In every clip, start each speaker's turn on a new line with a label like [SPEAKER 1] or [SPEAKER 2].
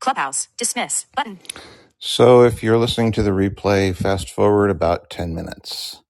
[SPEAKER 1] Clubhouse. Dismiss. Button. So if you're listening to the replay, fast forward about 10 minutes.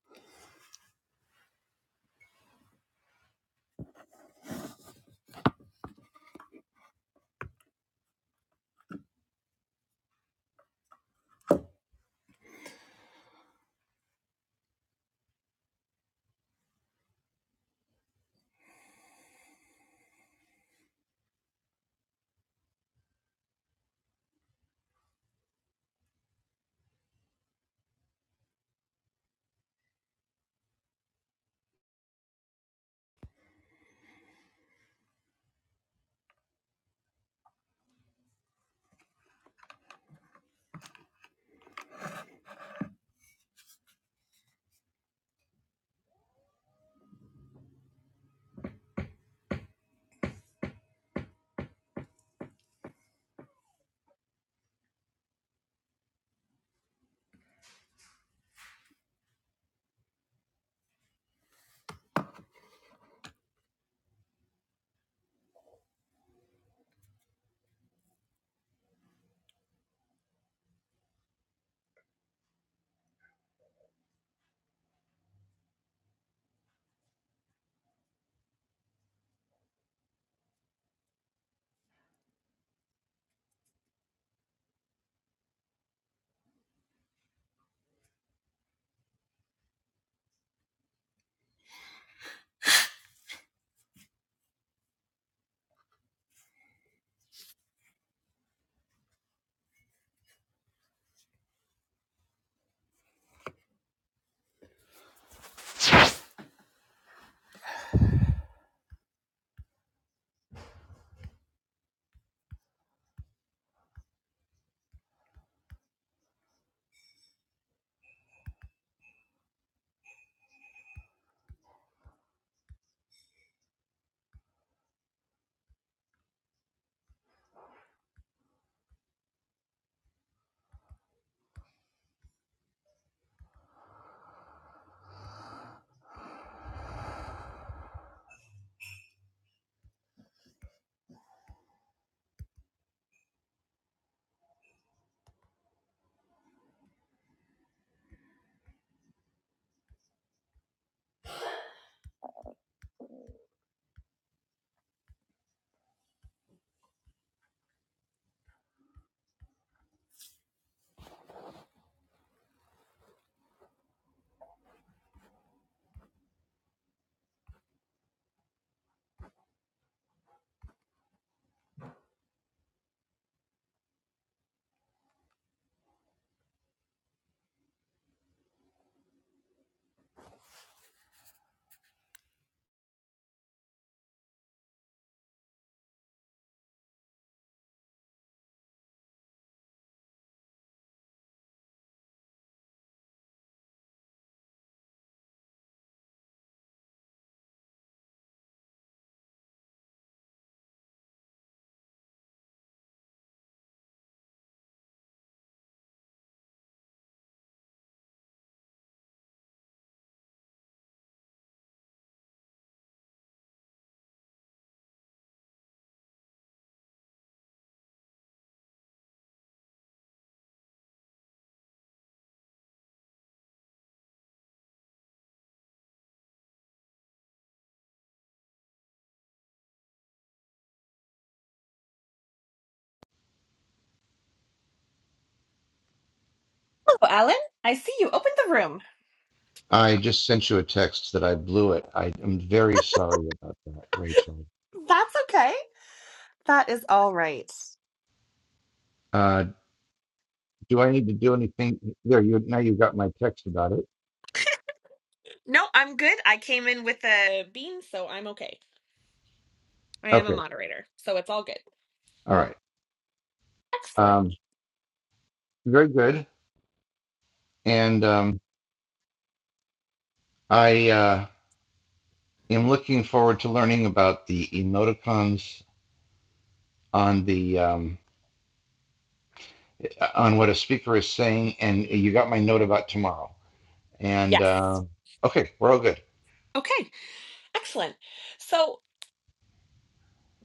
[SPEAKER 2] Hello, Alan. I see you opened the room.
[SPEAKER 1] I just sent you a text that I blew it. I am very sorry about that, Rachel.
[SPEAKER 2] That's okay. That is all right.
[SPEAKER 1] Uh, do I need to do anything? There, you now you got my text about it.
[SPEAKER 2] No, I'm good. I came in with a bean, so I'm okay. I am a
[SPEAKER 1] Okay,
[SPEAKER 2] moderator, so it's all good.
[SPEAKER 1] all right.
[SPEAKER 2] Excellent.
[SPEAKER 1] Um, very good. And um, I uh, am looking forward to learning about the emoticons on the um, on what a speaker is saying. And you got my note about tomorrow. And
[SPEAKER 2] Yes.
[SPEAKER 1] uh, okay, we're all good.
[SPEAKER 2] Okay. Excellent. So,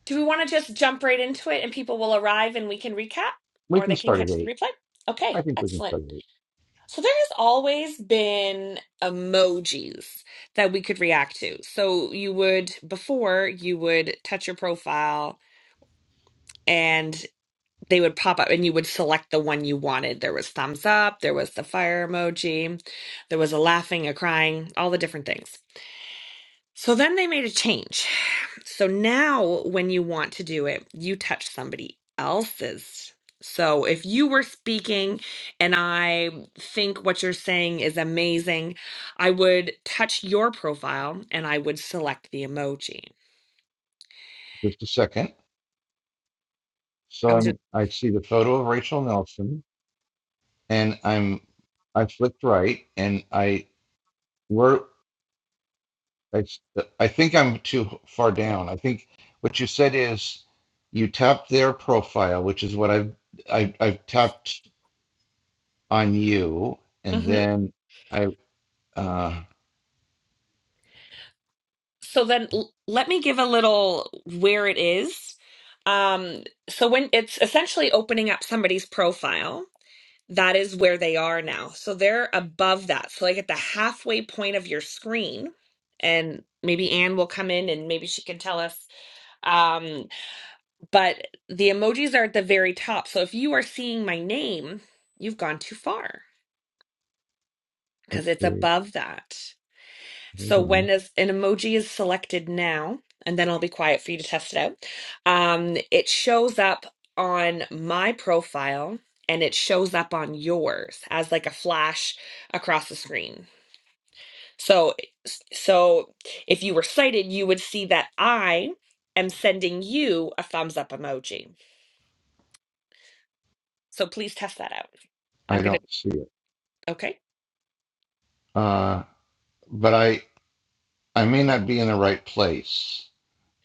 [SPEAKER 2] do we want to just jump right into it and people will arrive and we can recap
[SPEAKER 1] We
[SPEAKER 2] or
[SPEAKER 1] can
[SPEAKER 2] they can
[SPEAKER 1] start at
[SPEAKER 2] catch the
[SPEAKER 1] eight.
[SPEAKER 2] replay?
[SPEAKER 1] I
[SPEAKER 2] Okay.
[SPEAKER 1] think we can
[SPEAKER 2] Excellent.
[SPEAKER 1] start at eight.
[SPEAKER 2] So, there has always been emojis that we could react to. So, you would, before, you would touch your profile. and. they would pop up and you would select the one you wanted. There was thumbs up, there was the fire emoji, there was a laughing, a crying, all the different things. So then they made a change. So now when you want to do it, you touch somebody else's. So if you were speaking and I think what you're saying is amazing, I would touch your profile and I would select the emoji.
[SPEAKER 1] Just a second. So
[SPEAKER 2] I was just
[SPEAKER 1] I'm I see the photo of Rachel Nelson, and I'm I flicked right, and I we're I, I think I'm too far down. I think what you said is you tapped their profile, which is what I've I, I've tapped on you, and
[SPEAKER 2] mm-hmm.
[SPEAKER 1] then I uh
[SPEAKER 2] So then l- let me give a little where it is. Um, so when it's essentially opening up somebody's profile, that is where they are now. So they're above that. So like at the halfway point of your screen, and maybe Anne will come in and maybe she can tell us. Um, but the emojis are at the very top. So if you are seeing my name, you've gone too far because it's
[SPEAKER 1] okay,
[SPEAKER 2] above that.
[SPEAKER 1] hold
[SPEAKER 2] So when
[SPEAKER 1] on.
[SPEAKER 2] is, an emoji is selected now, and then I'll be quiet for you to test it out. Um, it shows up on my profile and it shows up on yours as like a flash across the screen. So so if you were cited, you would see that I am sending you a thumbs up emoji. So please test that out.
[SPEAKER 1] I
[SPEAKER 2] I'm gonna
[SPEAKER 1] don't see it.
[SPEAKER 2] okay.
[SPEAKER 1] Uh, but I I may not be in the right place.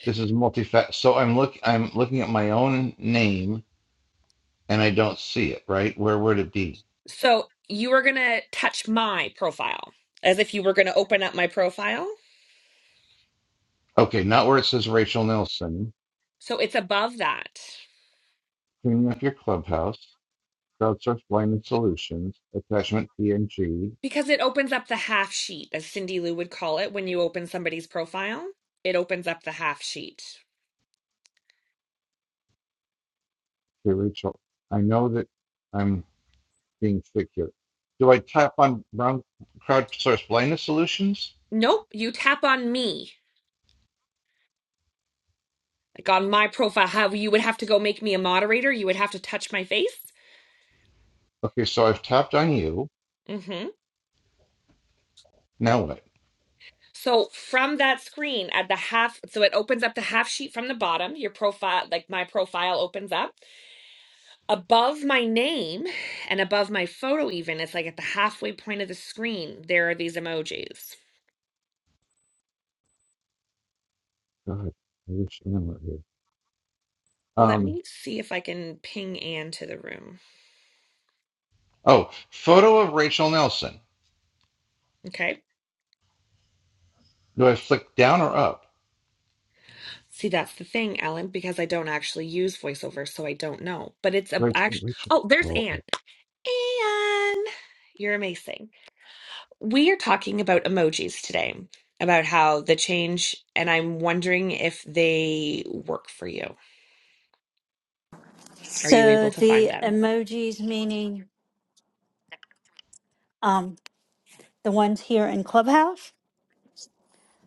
[SPEAKER 1] This is multifac. So I'm look. I'm looking at my own name, and I don't see it. Right? Where would it be?
[SPEAKER 2] So you are gonna touch my profile as if you were gonna open up my profile.
[SPEAKER 1] Okay, not where it says Rachel Nelson.
[SPEAKER 2] So it's above that.
[SPEAKER 1] Cleaning up your clubhouse. Crowdsource blindness solutions. Attachment PNG
[SPEAKER 2] Because it opens up the half sheet, as Cindy Lou would call it, when you open somebody's profile. It opens up the half sheet.
[SPEAKER 1] to Rachel. I know that I'm being thick here. Do I tap on brown crowdsource blindness solutions?
[SPEAKER 2] Nope, you tap on me. Like on my profile, how you would have to go make me a moderator. You would have to touch my face.
[SPEAKER 1] Okay, so I've tapped on you.
[SPEAKER 2] hmm
[SPEAKER 1] Now what?
[SPEAKER 2] So from that screen at the half, so it opens up the half sheet from the bottom. Your profile, like my profile, opens up above my name and above my photo. Even it's like at the halfway point of the screen. There are these emojis.
[SPEAKER 1] God, I wish Anne were here.
[SPEAKER 2] Let
[SPEAKER 1] Um,
[SPEAKER 2] me see if I can ping Anne to the room.
[SPEAKER 1] Oh, photo of Rachel Nelson.
[SPEAKER 2] Okay.
[SPEAKER 1] Do I flick down or up?
[SPEAKER 2] See, that's the thing, Ellen, because I don't actually use voiceover, so I don't know. But it's a
[SPEAKER 1] Rachel,
[SPEAKER 2] act
[SPEAKER 1] Rachel.
[SPEAKER 2] Oh, there's
[SPEAKER 1] Oh,
[SPEAKER 2] Anne.
[SPEAKER 1] oh.
[SPEAKER 2] Anne, you're amazing. We are talking about emojis today, about how the change, and I'm wondering if they work for you. Are you able
[SPEAKER 3] So
[SPEAKER 2] to find
[SPEAKER 3] the
[SPEAKER 2] them?
[SPEAKER 3] emojis, meaning um, the ones here in Clubhouse?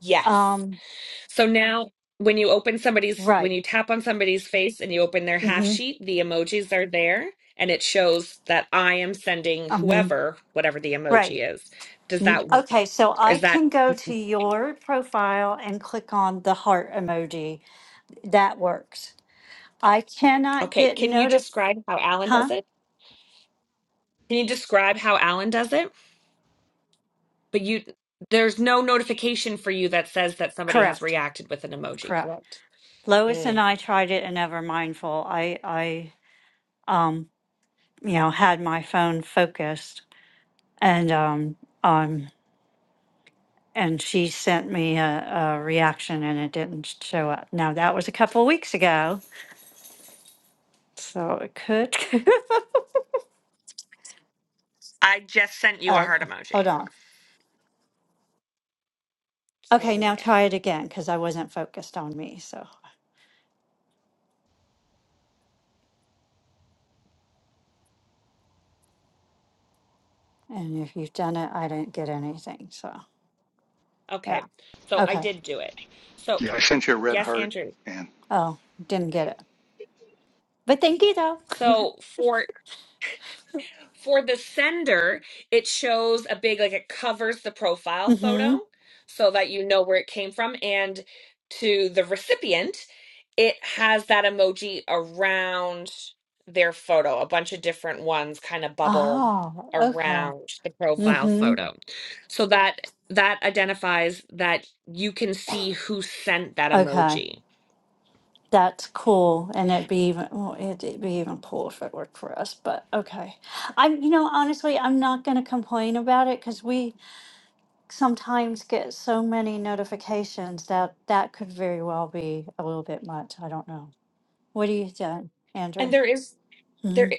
[SPEAKER 2] Yes.
[SPEAKER 3] Um,
[SPEAKER 2] So now when you open somebody's when
[SPEAKER 3] right.
[SPEAKER 2] you tap on somebody's face and you open their half
[SPEAKER 3] hmm
[SPEAKER 2] sheet, the emojis are there and it shows that I am sending
[SPEAKER 3] hmm
[SPEAKER 2] whoever whatever the
[SPEAKER 3] Right.
[SPEAKER 2] emoji is. Does
[SPEAKER 3] N-
[SPEAKER 2] that
[SPEAKER 3] Okay, so I
[SPEAKER 2] is that
[SPEAKER 3] can go to your profile and click on the heart emoji. That works. I cannot
[SPEAKER 2] okay,
[SPEAKER 3] get
[SPEAKER 2] can you
[SPEAKER 3] notified.
[SPEAKER 2] describe how Alan
[SPEAKER 3] Huh?
[SPEAKER 2] does it? Can you describe how Alan does it? But you there's no notification for you that says that somebody has
[SPEAKER 3] Correct.
[SPEAKER 2] reacted with an emoji,
[SPEAKER 3] Correct.
[SPEAKER 2] correct?
[SPEAKER 3] Lois and
[SPEAKER 2] Mm.
[SPEAKER 3] I tried it and never mindful. I, I, um, you know, had my phone focused and, um, um, And she sent me a, a reaction and it didn't show up. Now, that was a couple weeks ago, so it could.
[SPEAKER 2] I just sent you a
[SPEAKER 3] oh,
[SPEAKER 2] heart
[SPEAKER 3] h-
[SPEAKER 2] emoji.
[SPEAKER 3] hold on.
[SPEAKER 2] So I will
[SPEAKER 3] Okay,
[SPEAKER 2] do it
[SPEAKER 3] now
[SPEAKER 2] again.
[SPEAKER 3] try it again because I wasn't focused on me. So, and if you've done it, I didn't get anything. So, yeah.
[SPEAKER 2] Okay. So I
[SPEAKER 3] Okay.
[SPEAKER 2] did do it. So
[SPEAKER 4] Yeah, I sent you a red
[SPEAKER 2] yes,
[SPEAKER 4] heart,
[SPEAKER 2] Andrew.
[SPEAKER 4] and
[SPEAKER 3] Oh, didn't get it. But thank you though.
[SPEAKER 2] So for for the sender, it shows a big like it covers the profile
[SPEAKER 3] mm hmm.
[SPEAKER 2] photo so that you know where it came from and to the recipient, it has that emoji around their photo, a bunch of different ones kind of bubble
[SPEAKER 3] Oh, okay.
[SPEAKER 2] around the
[SPEAKER 3] Mm
[SPEAKER 2] profile
[SPEAKER 3] hmm.
[SPEAKER 2] photo. So that that identifies that you can see who sent that
[SPEAKER 3] Okay.
[SPEAKER 2] emoji.
[SPEAKER 3] That's cool, and it'd be even well, it'd, it'd be even cool if it worked for us. But okay, I'm you know honestly, I'm not gonna complain about it because we sometimes get so many notifications that that could very well be a little bit much. I don't know. What do you think,
[SPEAKER 2] And
[SPEAKER 3] Andrew?
[SPEAKER 2] there is there
[SPEAKER 3] Mhm.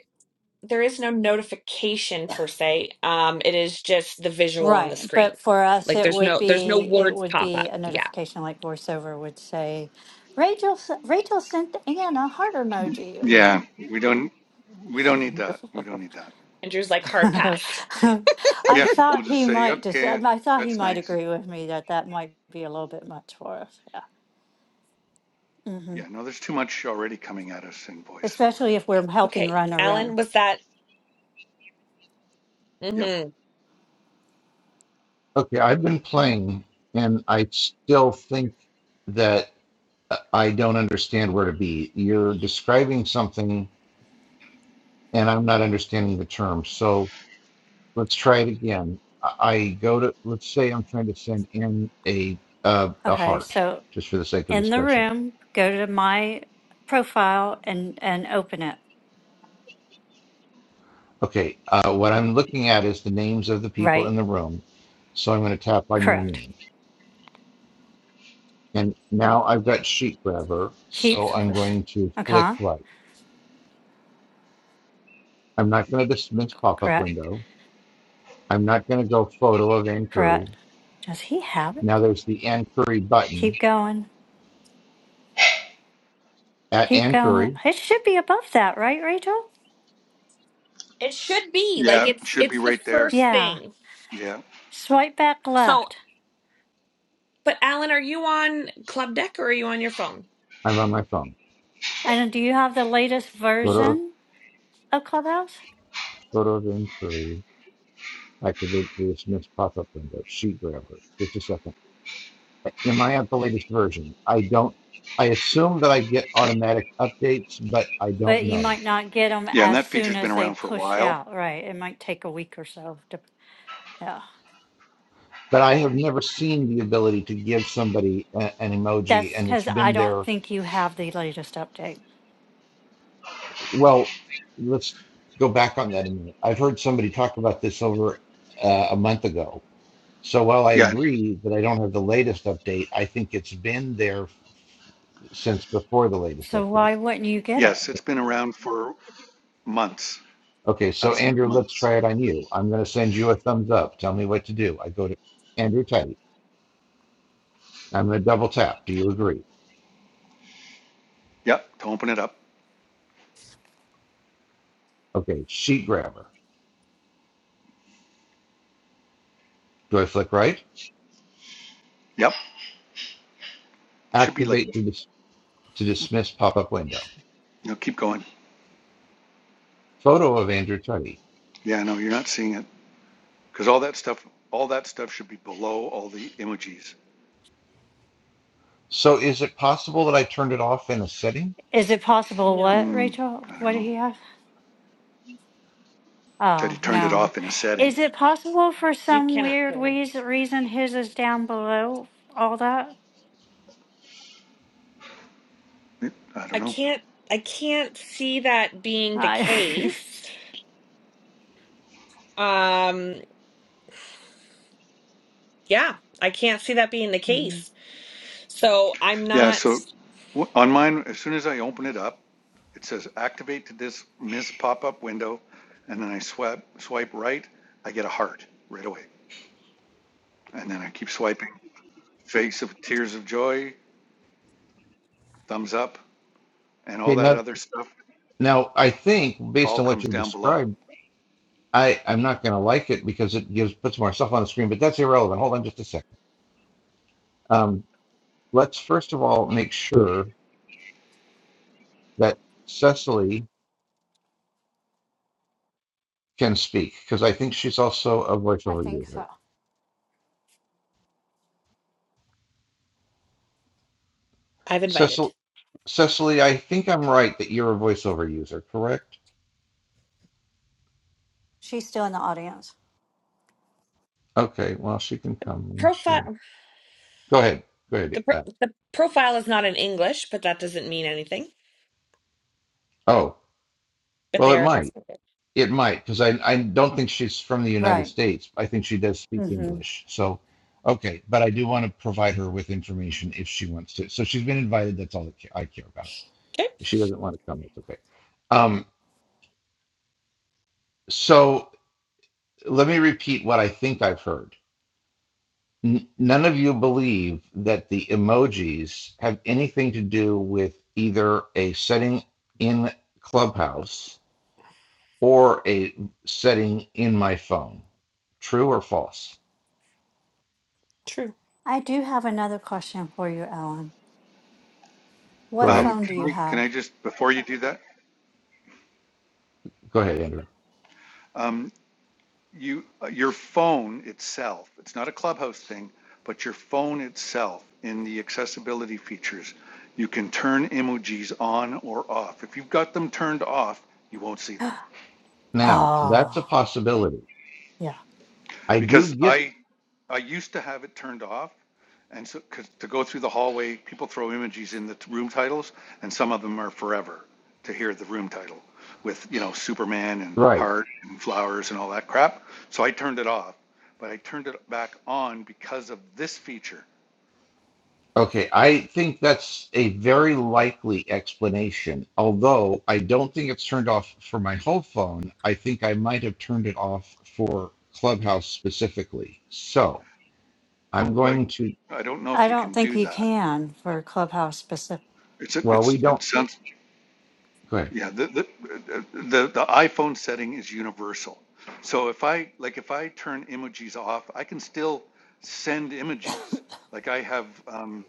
[SPEAKER 2] there is no notification per se. Um, it is just the visual on the
[SPEAKER 3] Right,
[SPEAKER 2] screen.
[SPEAKER 3] but for us,
[SPEAKER 2] Like
[SPEAKER 3] it
[SPEAKER 2] there's
[SPEAKER 3] would
[SPEAKER 2] no there's no
[SPEAKER 3] be it
[SPEAKER 2] words
[SPEAKER 3] would
[SPEAKER 2] pop
[SPEAKER 3] be
[SPEAKER 2] up.
[SPEAKER 3] a
[SPEAKER 2] Yeah.
[SPEAKER 3] notification like VoiceOver would say, Rachel s- Rachel sent Anne a heart emoji. Yeah,
[SPEAKER 4] yeah, we don't we don't need that. We don't need that.
[SPEAKER 2] Andrew's like hard pass.
[SPEAKER 3] I
[SPEAKER 4] Yeah,
[SPEAKER 3] thought
[SPEAKER 4] we'll just
[SPEAKER 3] he
[SPEAKER 4] say
[SPEAKER 3] might just, I
[SPEAKER 4] okay,
[SPEAKER 3] thought he
[SPEAKER 4] that's
[SPEAKER 3] might
[SPEAKER 4] nice.
[SPEAKER 3] agree with me that that might be a little bit much for us. Yeah. hmm
[SPEAKER 4] Yeah, no, there's too much already coming at us in voiceover.
[SPEAKER 3] Especially if we're helping
[SPEAKER 2] Okay,
[SPEAKER 3] run a
[SPEAKER 2] Alan,
[SPEAKER 3] room.
[SPEAKER 2] was that? hmm
[SPEAKER 4] Yep.
[SPEAKER 1] Okay, I've been playing, and I still think that uh, I don't understand where to be. You're describing something, and I'm not understanding the term. So let's try it again. I I go to let's say I'm trying to send in a uh, a
[SPEAKER 3] Okay.
[SPEAKER 1] heart,
[SPEAKER 3] So
[SPEAKER 1] just for the sake of
[SPEAKER 3] in the
[SPEAKER 1] discussion.
[SPEAKER 3] room, go to my profile and, and open it.
[SPEAKER 1] Okay, uh, what I'm looking at is the names of the people
[SPEAKER 3] Right.
[SPEAKER 1] in the room. So I'm going to tap on your
[SPEAKER 3] Correct.
[SPEAKER 1] name. And now I've got sheet grabber,
[SPEAKER 3] Keep,
[SPEAKER 1] so I'm going to flick
[SPEAKER 3] okay.
[SPEAKER 1] right. I'm not going to dismiss pop-up
[SPEAKER 3] Correct.
[SPEAKER 1] window. I'm not going to go photo of Ann Curry.
[SPEAKER 3] Correct. Does he have it?
[SPEAKER 1] Now there's the Ann Curry button.
[SPEAKER 3] Keep going.
[SPEAKER 1] At
[SPEAKER 3] Keep
[SPEAKER 1] Ann
[SPEAKER 3] going.
[SPEAKER 1] Curry,
[SPEAKER 3] It should be above that, right, Rachel?
[SPEAKER 2] It should be like
[SPEAKER 4] Yeah, it
[SPEAKER 2] it's
[SPEAKER 4] should be
[SPEAKER 2] it's the
[SPEAKER 4] right there.
[SPEAKER 2] first
[SPEAKER 3] Yeah.
[SPEAKER 2] thing.
[SPEAKER 4] Yeah,
[SPEAKER 3] Swipe back
[SPEAKER 2] So,
[SPEAKER 3] left.
[SPEAKER 2] but Alan, are you on Club Deck or are you on your phone?
[SPEAKER 1] I'm on my phone.
[SPEAKER 2] Sure.
[SPEAKER 3] And do you have the latest
[SPEAKER 1] Photo,
[SPEAKER 3] version of Clubhouse?
[SPEAKER 1] photo of Ann Curry. Activate the dismiss pop-up window. Sheet grabber. Just a second. Am I at the latest version? I don't. I assume that I get automatic updates, but I don't
[SPEAKER 3] But you
[SPEAKER 1] know.
[SPEAKER 3] might not get them
[SPEAKER 4] yeah, and
[SPEAKER 3] as
[SPEAKER 4] that
[SPEAKER 3] soon
[SPEAKER 4] feature's been
[SPEAKER 3] as they
[SPEAKER 4] around for a
[SPEAKER 3] push
[SPEAKER 4] while.
[SPEAKER 3] out, right? It might take a week or so. To, yeah.
[SPEAKER 1] But I have never seen the ability to give somebody a- an emoji,
[SPEAKER 3] That's
[SPEAKER 1] and
[SPEAKER 3] because
[SPEAKER 1] it's
[SPEAKER 3] I
[SPEAKER 1] been
[SPEAKER 3] don't
[SPEAKER 1] there
[SPEAKER 3] think you have the latest update.
[SPEAKER 1] well, let's go back on that a minute. I've heard somebody talk about this over uh, a month ago. So while I
[SPEAKER 4] Yeah,
[SPEAKER 1] agree that I don't have the latest update, I think it's been there since before the latest
[SPEAKER 3] So
[SPEAKER 1] update.
[SPEAKER 3] why wouldn't you get it?
[SPEAKER 4] yes, it's been around for months,
[SPEAKER 1] Okay, so
[SPEAKER 4] absolute
[SPEAKER 1] Andrew, let's
[SPEAKER 4] months.
[SPEAKER 1] try it on you. I'm going to send you a thumbs up. Tell me what to do. I go to Andrew Teddy. I'm going to double tap. Do you agree?
[SPEAKER 4] Yep, to open it up.
[SPEAKER 1] Okay, sheet grabber. Do I flick right?
[SPEAKER 4] Yep, it should be like
[SPEAKER 1] Activate to, dis- to dismiss pop up window.
[SPEAKER 4] no, keep going.
[SPEAKER 1] Photo of Andrew Teddy.
[SPEAKER 4] Yeah, no, you're not seeing it because all that stuff, all that stuff should be below all the emojis.
[SPEAKER 1] So is it possible that I turned it off in a setting?
[SPEAKER 3] Is it possible
[SPEAKER 2] No,
[SPEAKER 3] what,
[SPEAKER 4] Hmm,
[SPEAKER 3] Rachel?
[SPEAKER 4] I don't
[SPEAKER 3] What
[SPEAKER 4] know.
[SPEAKER 3] did he have?
[SPEAKER 4] that he
[SPEAKER 3] Oh,
[SPEAKER 4] turned it
[SPEAKER 3] no.
[SPEAKER 4] off in a
[SPEAKER 3] Is
[SPEAKER 4] setting.
[SPEAKER 3] it possible for
[SPEAKER 2] you
[SPEAKER 3] some
[SPEAKER 2] cannot
[SPEAKER 3] weird
[SPEAKER 2] turn them.
[SPEAKER 3] wheez- reason his is down below all that?
[SPEAKER 4] I don't
[SPEAKER 2] I
[SPEAKER 4] know.
[SPEAKER 2] can't I can't see that being the
[SPEAKER 3] I,
[SPEAKER 2] case. Um yeah, I can't see that being the
[SPEAKER 3] Mhm.
[SPEAKER 2] case. So I'm
[SPEAKER 4] Yeah,
[SPEAKER 2] not
[SPEAKER 4] so on mine, as soon as I open it up, it says activate to this miss pop-up window, and then I swipe swipe right, I get a heart right away, and then I keep swiping. Face of tears of joy, thumbs up, and all
[SPEAKER 1] Okay,
[SPEAKER 4] that
[SPEAKER 1] now,
[SPEAKER 4] other stuff
[SPEAKER 1] now I think based
[SPEAKER 4] all
[SPEAKER 1] on what
[SPEAKER 4] comes
[SPEAKER 1] you
[SPEAKER 4] down below.
[SPEAKER 1] described, I I'm not going to like it because it gives puts more stuff on the screen. But that's irrelevant. Hold on just a second. Um, let's first of all make sure that Cecily can speak because I think she's also a
[SPEAKER 3] I
[SPEAKER 1] voiceover
[SPEAKER 3] think so.
[SPEAKER 1] user.
[SPEAKER 2] I've invited.
[SPEAKER 1] Cecil, Cecily, I think I'm right that you're a voiceover user, correct?
[SPEAKER 3] She's still in the audience.
[SPEAKER 1] Okay, well she can come when she.
[SPEAKER 2] Profile
[SPEAKER 1] Go ahead, go ahead.
[SPEAKER 2] the pro-
[SPEAKER 1] Uh,
[SPEAKER 2] the profile is not in English, but that doesn't mean anything.
[SPEAKER 1] oh,
[SPEAKER 2] But
[SPEAKER 1] well
[SPEAKER 2] they
[SPEAKER 1] it
[SPEAKER 2] are a
[SPEAKER 1] might.
[SPEAKER 2] husband. and wife.
[SPEAKER 1] It might, because I, I don't think she's from the United
[SPEAKER 3] Right.
[SPEAKER 1] States. I think she does speak
[SPEAKER 3] Mm-hmm.
[SPEAKER 1] English. So, okay, but I do want to provide her with information if she wants to. So she's been invited. That's all I care about.
[SPEAKER 2] Okay,
[SPEAKER 1] If she doesn't want to come, that's okay. Um, so let me repeat what I think I've heard. N- none of you believe that the emojis have anything to do with either a setting in Clubhouse or a setting in my phone. True or false?
[SPEAKER 2] true.
[SPEAKER 3] I do have another question for you, Ellen.
[SPEAKER 1] Go
[SPEAKER 3] What
[SPEAKER 1] ahead.
[SPEAKER 4] Um,
[SPEAKER 3] phone do
[SPEAKER 4] can,
[SPEAKER 3] you
[SPEAKER 4] we, can
[SPEAKER 3] have?
[SPEAKER 4] I just before you do that?
[SPEAKER 1] Go ahead, Andrew.
[SPEAKER 4] um, you, uh, your phone itself, it's not a clubhouse thing, but your phone itself in the accessibility features, you can turn emojis on or off. If you've got them turned off, you won't see them.
[SPEAKER 1] Now, that's a
[SPEAKER 3] Oh,
[SPEAKER 1] possibility.
[SPEAKER 3] yeah.
[SPEAKER 1] I do
[SPEAKER 4] because
[SPEAKER 1] get
[SPEAKER 4] I I used to have it turned off, and so 'cause to go through the hallway, people throw emojis in the t- room titles, and some of them are forever to hear the room title with you know Superman and
[SPEAKER 1] right.
[SPEAKER 4] heart and flowers and all that crap. So I turned it off, but I turned it back on because of this feature.
[SPEAKER 1] Okay, I think that's a very likely explanation. Although I don't think it's turned off for my whole phone, I think I might have turned it off for Clubhouse specifically. So I'm
[SPEAKER 4] Well,
[SPEAKER 1] going to,
[SPEAKER 4] I don't know
[SPEAKER 3] I
[SPEAKER 4] if you
[SPEAKER 3] don't
[SPEAKER 4] can
[SPEAKER 3] think
[SPEAKER 4] do
[SPEAKER 3] you
[SPEAKER 4] that.
[SPEAKER 3] can for Clubhouse specific.
[SPEAKER 4] It's a,
[SPEAKER 1] well, we
[SPEAKER 4] it's
[SPEAKER 1] don't,
[SPEAKER 4] it sounds
[SPEAKER 1] go ahead.
[SPEAKER 4] Yeah, the, the, the, the iPhone setting is universal. So if I, like, if I turn emojis off, I can still send emojis. Like I have um,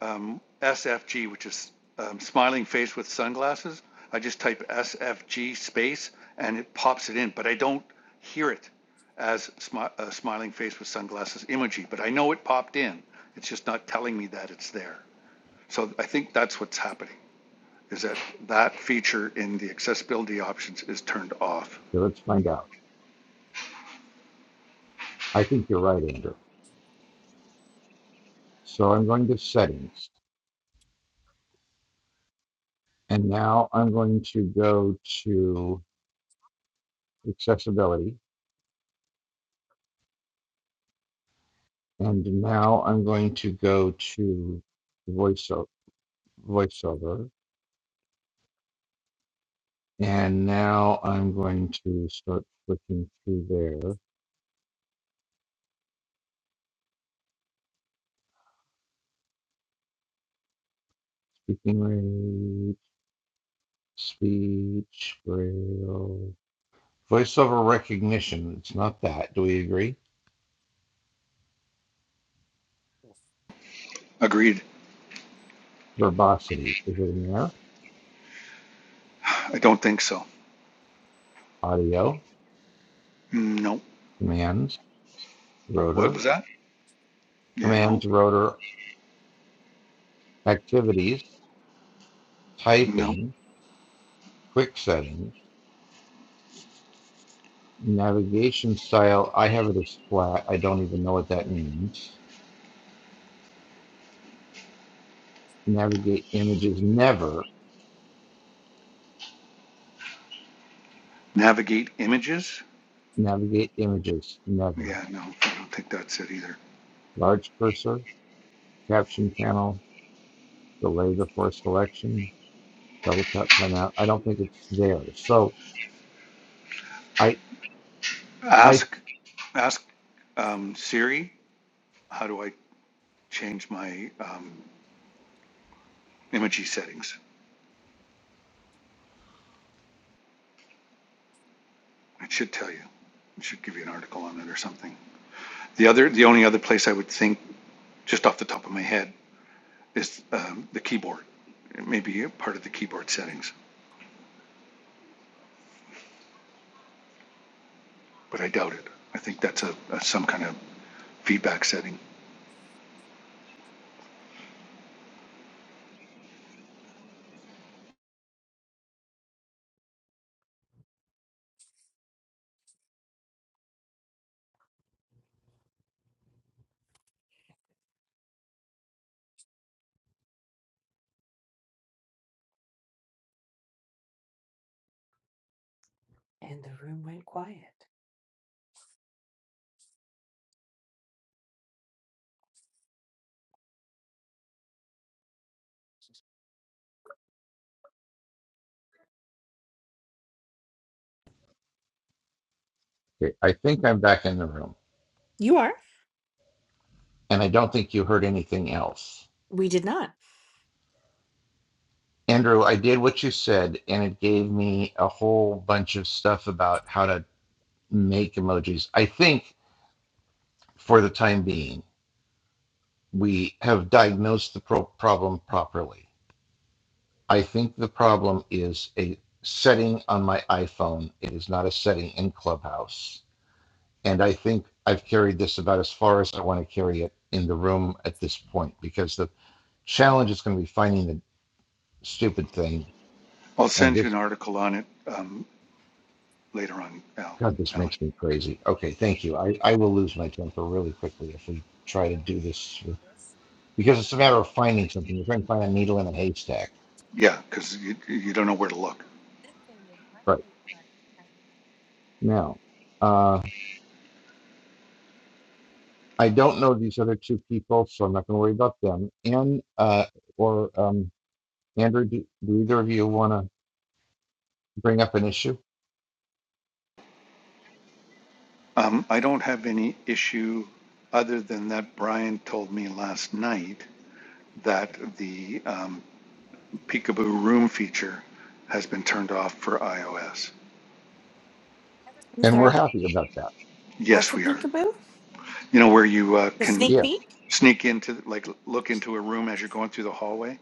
[SPEAKER 4] um, SFG, which is um, smiling face with sunglasses. I just type SFG space and it pops it in, but I don't hear it as smi- a smiling face with sunglasses emoji, but I know it popped in. It's just not telling me that it's there. So I think that's what's happening is that that feature in the accessibility options is turned off.
[SPEAKER 1] Okay, let's find out. I think you're right, Andrew. So I'm going to settings and now I'm going to go to accessibility And now I'm going to go to voiceover, voiceover. And now I'm going to start flicking through there. Speaking rate, speech, braille, voiceover recognition. It's not that. Do we agree?
[SPEAKER 4] Agreed.
[SPEAKER 1] Verbosity. Is it in there?
[SPEAKER 4] I don't think so.
[SPEAKER 1] Audio,
[SPEAKER 4] No.
[SPEAKER 1] commands,
[SPEAKER 4] What
[SPEAKER 1] rotor,
[SPEAKER 4] was that? Yeah, no,
[SPEAKER 1] commands, rotor, activities,
[SPEAKER 4] no.
[SPEAKER 1] typing, quick settings. Navigation style, I have it as flat. I don't even know what that means. Navigate images, never.
[SPEAKER 4] Navigate images?
[SPEAKER 1] Navigate images, never.
[SPEAKER 4] Yeah, no, I don't think that's it either.
[SPEAKER 1] Large cursor, caption panel, delay before selection, double tap timeout. I don't think it's there. So I, I,
[SPEAKER 4] Ask, ask um, Siri, how do I change my um, imagery settings? It should tell you. It should give you an article on it or something. The other, the only other place I would think, just off the top of my head, is um, the keyboard. It may be a part of the keyboard settings. but I doubt it. I think that's a, a some kind of feedback setting.
[SPEAKER 2] And the room went quiet.
[SPEAKER 1] okay, I think I'm back in the room,
[SPEAKER 2] You are.
[SPEAKER 1] and I don't think you heard anything else.
[SPEAKER 2] We did not.
[SPEAKER 1] Andrew, I did what you said, and it gave me a whole bunch of stuff about how to make emojis. I think for the time being. we have diagnosed the pro- problem properly. I think the problem is a setting on my iPhone. It is not a setting in Clubhouse. And I think I've carried this about as far as I want to carry it in the room at this point because the challenge is going to be finding the stupid thing.
[SPEAKER 4] I'll
[SPEAKER 1] And
[SPEAKER 4] send you an
[SPEAKER 1] this,
[SPEAKER 4] article on it um, later on, Al.
[SPEAKER 1] God, this
[SPEAKER 4] Alan.
[SPEAKER 1] makes me crazy. Okay, thank you. I, I will lose my temper really quickly if we try to do this with, because it's a matter of finding something. We're trying to find a needle in a haystack.
[SPEAKER 4] Yeah, because you, you don't know where to look.
[SPEAKER 1] Right now. uh, I don't know these other two people, so I'm not going to worry about them. And uh, or um, Andrew, do, do either of you want to bring up an issue?
[SPEAKER 4] Um, I don't have any issue other than that Brian told me last night that the um, Peekaboo Room feature has been turned off for iOS.
[SPEAKER 1] And we're happy about that.
[SPEAKER 4] Yes, we are. You know where you uh, can
[SPEAKER 1] Yes,
[SPEAKER 4] sneak into, like, look into a room as you're going through the hallway.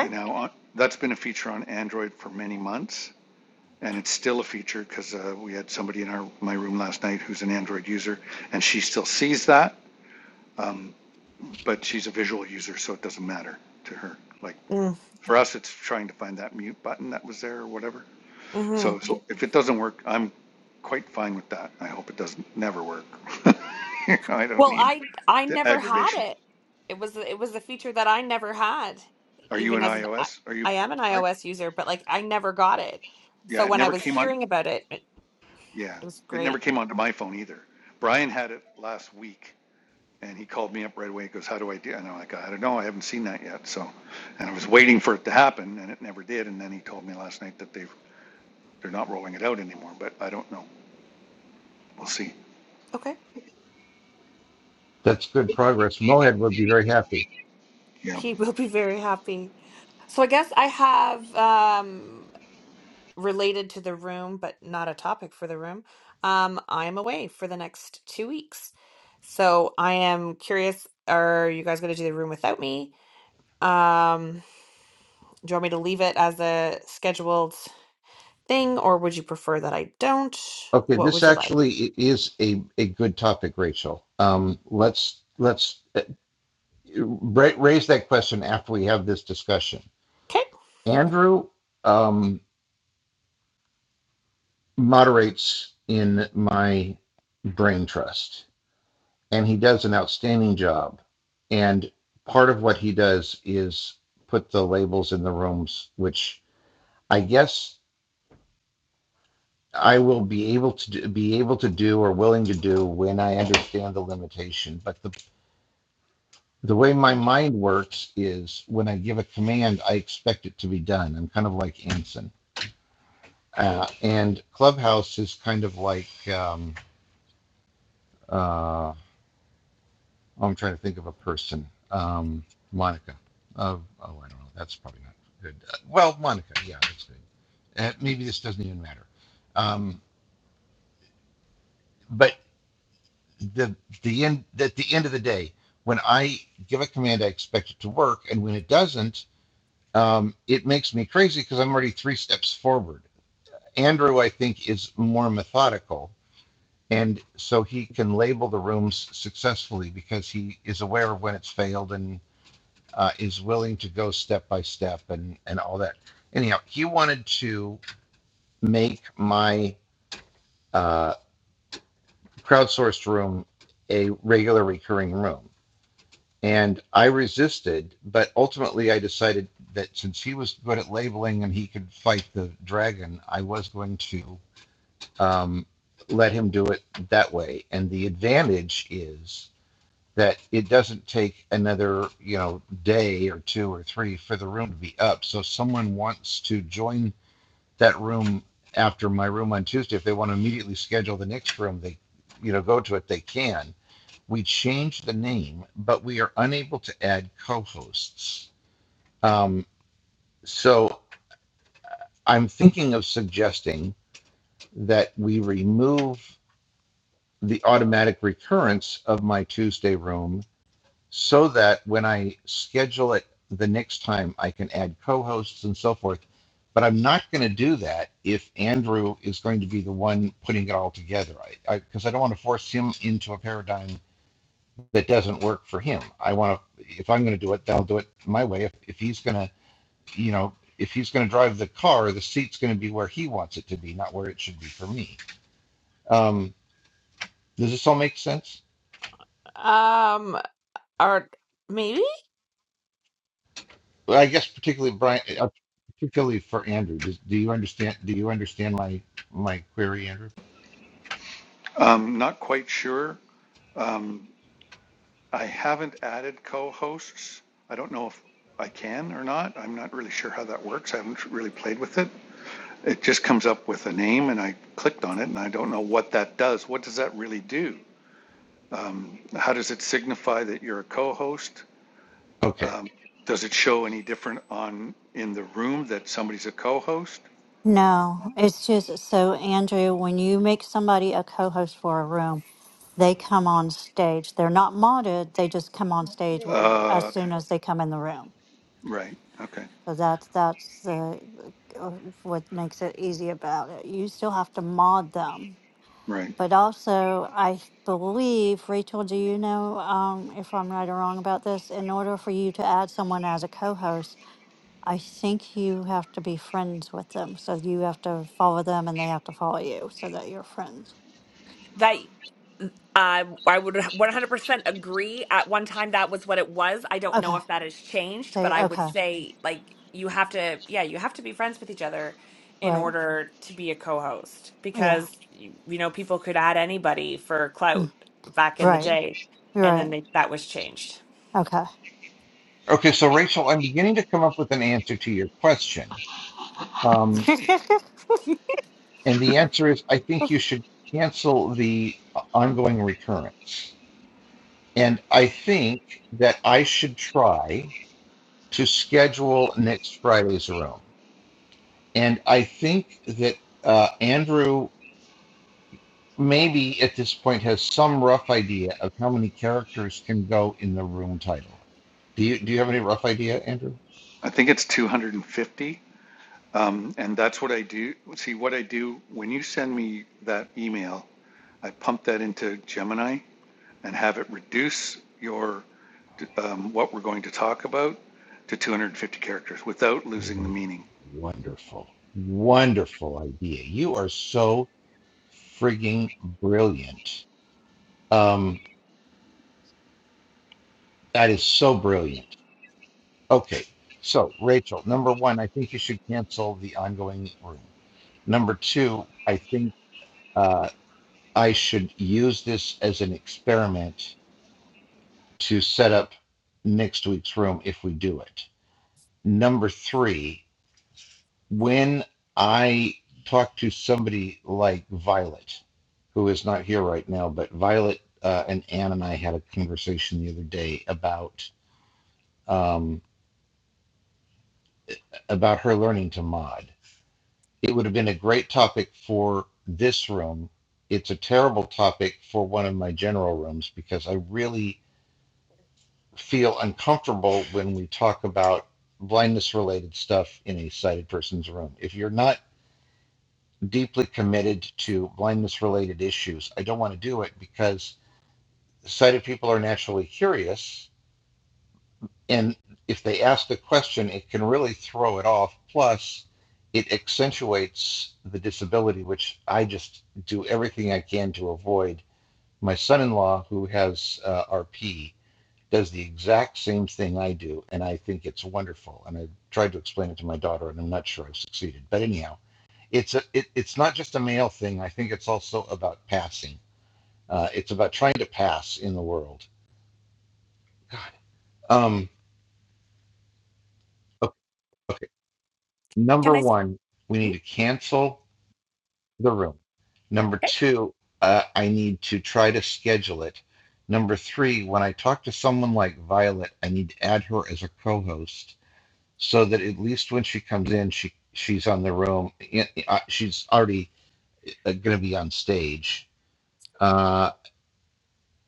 [SPEAKER 4] And now on, that's been a feature on Android for many months and it's still a feature because uh, we had somebody in our my room last night who's an Android user, and she still sees that, um, but she's a visual user, so it doesn't matter to her. Like for us, it's trying to find that mute button that was there or whatever.
[SPEAKER 2] Mm-hmm.
[SPEAKER 4] So, so if it doesn't work, I'm quite fine with that. I hope it doesn't never work. You know, I don't
[SPEAKER 2] Well,
[SPEAKER 4] need
[SPEAKER 2] I I
[SPEAKER 4] the
[SPEAKER 2] never had
[SPEAKER 4] aggravation.
[SPEAKER 2] it. It was it was a feature that I never had,
[SPEAKER 4] Are you
[SPEAKER 2] even
[SPEAKER 4] an
[SPEAKER 2] as an I,
[SPEAKER 4] iOS? Are you?
[SPEAKER 2] I am an
[SPEAKER 4] I,
[SPEAKER 2] iOS user, but like I never got it.
[SPEAKER 4] yeah,
[SPEAKER 2] So
[SPEAKER 4] it
[SPEAKER 2] when I
[SPEAKER 4] never
[SPEAKER 2] was
[SPEAKER 4] came on.
[SPEAKER 2] hearing about it, it,
[SPEAKER 4] Yeah,
[SPEAKER 2] it was
[SPEAKER 4] it never
[SPEAKER 2] great.
[SPEAKER 4] came onto my phone either. Brian had it last week And he called me up right away. He goes, "How do I do?" And I'm like, "I don't know. I haven't seen that yet." So, and I was waiting for it to happen, and it never did. And then he told me last night that they they're not rolling it out anymore. But I don't know. We'll see.
[SPEAKER 2] Okay,
[SPEAKER 1] that's good progress. Mohead would be very happy.
[SPEAKER 4] Yeah,
[SPEAKER 2] he will be very happy. So I guess I have um related to the room, but not a topic for the room. Um, I'm away for the next two weeks, so I am curious. Are you guys going to do the room without me? Um, do you want me to leave it as a scheduled thing, or would you prefer that I don't?
[SPEAKER 1] Okay,
[SPEAKER 2] What
[SPEAKER 1] this
[SPEAKER 2] would you like?
[SPEAKER 1] actually i- is a, a good topic, Rachel. Um, let's let's uh, ra- raise that question after we have this discussion.
[SPEAKER 2] Okay.
[SPEAKER 1] Andrew um, moderates in my brain trust. and he does an outstanding job. And part of what he does is put the labels in the rooms, which I guess I will be able to do, be able to do or willing to do when I understand the limitation. But the the way my mind works is when I give a command, I expect it to be done. I'm kind of like Anson, uh, and Clubhouse is kind of like um, uh, I'm trying to think of a person. Um, Monica. Uh, oh, I don't know. That's probably not good. Uh, well, Monica. Yeah, that's good. Uh, maybe this doesn't even matter. Um, but the the end at the end of the day, when I give a command, I expect it to work, and when it doesn't, um, it makes me crazy because I'm already three steps forward. Andrew, I think, is more methodical, and so he can label the rooms successfully because he is aware of when it's failed and. uh, is willing to go step by step and and all that. Anyhow, he wanted to make my uh, crowdsourced room a regular recurring room, and I resisted. But ultimately, I decided that since he was good at labeling and he could fight the dragon, I was going to um, let him do it that way. And the advantage is that it doesn't take another you know day or two or three for the room to be up so if someone wants to join that room after my room on tuesday if they want to immediately schedule the next room they you know go to it they can we changed the name but we are unable to add co-hosts um, so i'm thinking of suggesting that we remove the automatic recurrence of my tuesday room so that when I schedule it the next time, I can add co hosts and so forth. But I'm not going to do that if Andrew is going to be the one putting it all together. I because I, 'cause I don't want to force him into a paradigm that doesn't work for him. I want to if I'm going to do it, then I'll do it my way. If if he's going to, you know, if he's going to drive the car, the seat's going to be where he wants it to be, not where it should be for me. Um, does this all make sense?
[SPEAKER 2] Um, or maybe
[SPEAKER 1] Well, I guess particularly Brian, uh, uh, particularly for Andrew. Does, do you understand? Do you understand my my query, Andrew?
[SPEAKER 4] um, not quite sure. Um, I haven't added co-hosts. I don't know if I can or not. I'm not really sure how that works. I haven't really played with it. It just comes up with a name, and I clicked on it, and I don't know what that does. What does that really do? How does it signify that you're a co-host?
[SPEAKER 1] Okay.
[SPEAKER 4] Um, Does it show any different on, in the room that somebody's a co-host?
[SPEAKER 3] No, it's just so, Andrew, when you make somebody a co host for a room, they come on stage. They're not modded, they just come on stage w- as
[SPEAKER 4] Uh, okay,
[SPEAKER 3] soon as they come in the room.
[SPEAKER 4] Right, okay,
[SPEAKER 3] So that's that's the uh, what makes it easy about it. You still have to mod them.
[SPEAKER 4] right.
[SPEAKER 3] But also, I believe, Rachel, do you know um, if I'm right or wrong about this? In order for you to add someone as a co host, I think you have to be friends with them. So you have to follow them and they have to follow you so that you're friends.
[SPEAKER 2] That uh, I would 100% agree. At one time, that was what it was. I don't know
[SPEAKER 3] Okay.
[SPEAKER 2] if that has changed, but
[SPEAKER 3] Say,
[SPEAKER 2] I would
[SPEAKER 3] okay.
[SPEAKER 2] say, like, you have to, yeah, you have to be friends with each other in
[SPEAKER 3] Right.
[SPEAKER 2] order to be a co-host
[SPEAKER 3] Yeah.
[SPEAKER 2] because, you you know, people could add anybody for clout
[SPEAKER 3] Mm.
[SPEAKER 2] back in the
[SPEAKER 3] Right.
[SPEAKER 2] day. And then
[SPEAKER 3] right.
[SPEAKER 2] they, that was changed.
[SPEAKER 3] Okay.
[SPEAKER 1] Okay. So Rachel, I'm beginning to come up with an answer to your question, um, and the answer is I think you should cancel the uh, ongoing recurrence, and I think that I should try to schedule next Friday's room, and I think that uh, Andrew maybe at this point has some rough idea of how many characters can go in the room title. Do you do you have any rough idea, Andrew?
[SPEAKER 4] I think it's 250. um, And that's what I do. See, what I do, when you send me that email, I pump that into Gemini and have it reduce your, um, what we're going to talk about to 250 characters without losing the meaning.
[SPEAKER 1] Wonderful. Wonderful idea. You are so frigging brilliant. Um, that is so brilliant. Okay. So, Rachel, number one, I think you should cancel the ongoing room. Number two, I think uh, I should use this as an experiment to set up next week's room if we do it. Number three, when I talk to somebody like Violet, who is not here right now, but Violet uh, and Ann and I had a conversation the other day about um, about her learning to mod. It would have been a great topic for this room. It's a terrible topic for one of my general rooms because I really feel uncomfortable when we talk about blindness related stuff in a sighted person's room. If you're not deeply committed to blindness related issues, I don't want to do it because sighted people are naturally curious. And if they ask the question, it can really throw it off. Plus, it accentuates the disability, which I just do everything I can to avoid. My son in law, who has uh, RP, does the exact same thing I do, and I think it's wonderful. And I tried to explain it to my daughter, and I'm not sure I've succeeded. But anyhow, it's a it, it's not just a male thing. I think it's also about passing. Uh, it's about trying to pass in the world. God. Um. Okay, okay. Number one, we need to cancel the room. Number two, uh, I need to try to schedule it. Number three, when I talk to someone like Violet, I need to add her as a co-host so that at least when she comes in, she she's on the room. She's already going to be on stage. Uh,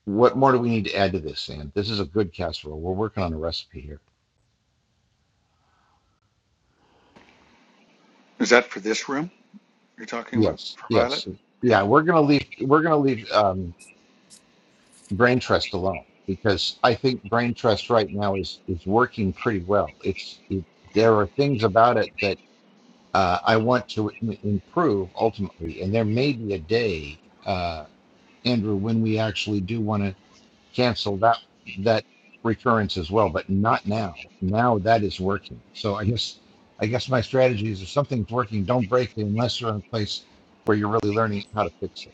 [SPEAKER 1] what more do we need to add to this, Ann? This is a good casserole. We're working on a recipe here.
[SPEAKER 4] Is that for this room you're talking about,
[SPEAKER 1] Yes,
[SPEAKER 4] for Violet?
[SPEAKER 1] yes,
[SPEAKER 4] Yeah.
[SPEAKER 1] yeah. We're gonna leave. We're gonna leave um, brain trust alone because I think brain trust right now is is working pretty well. It's it,
[SPEAKER 4] Yeah.
[SPEAKER 1] there are things about it that uh, I want to im- improve ultimately, and there may be a day, uh, Andrew, when we actually do want to cancel that that recurrence as well, but not now. Now that is working. So I guess I guess my strategy is if something's working, don't break it unless you're in a place where you're really learning how to fix it.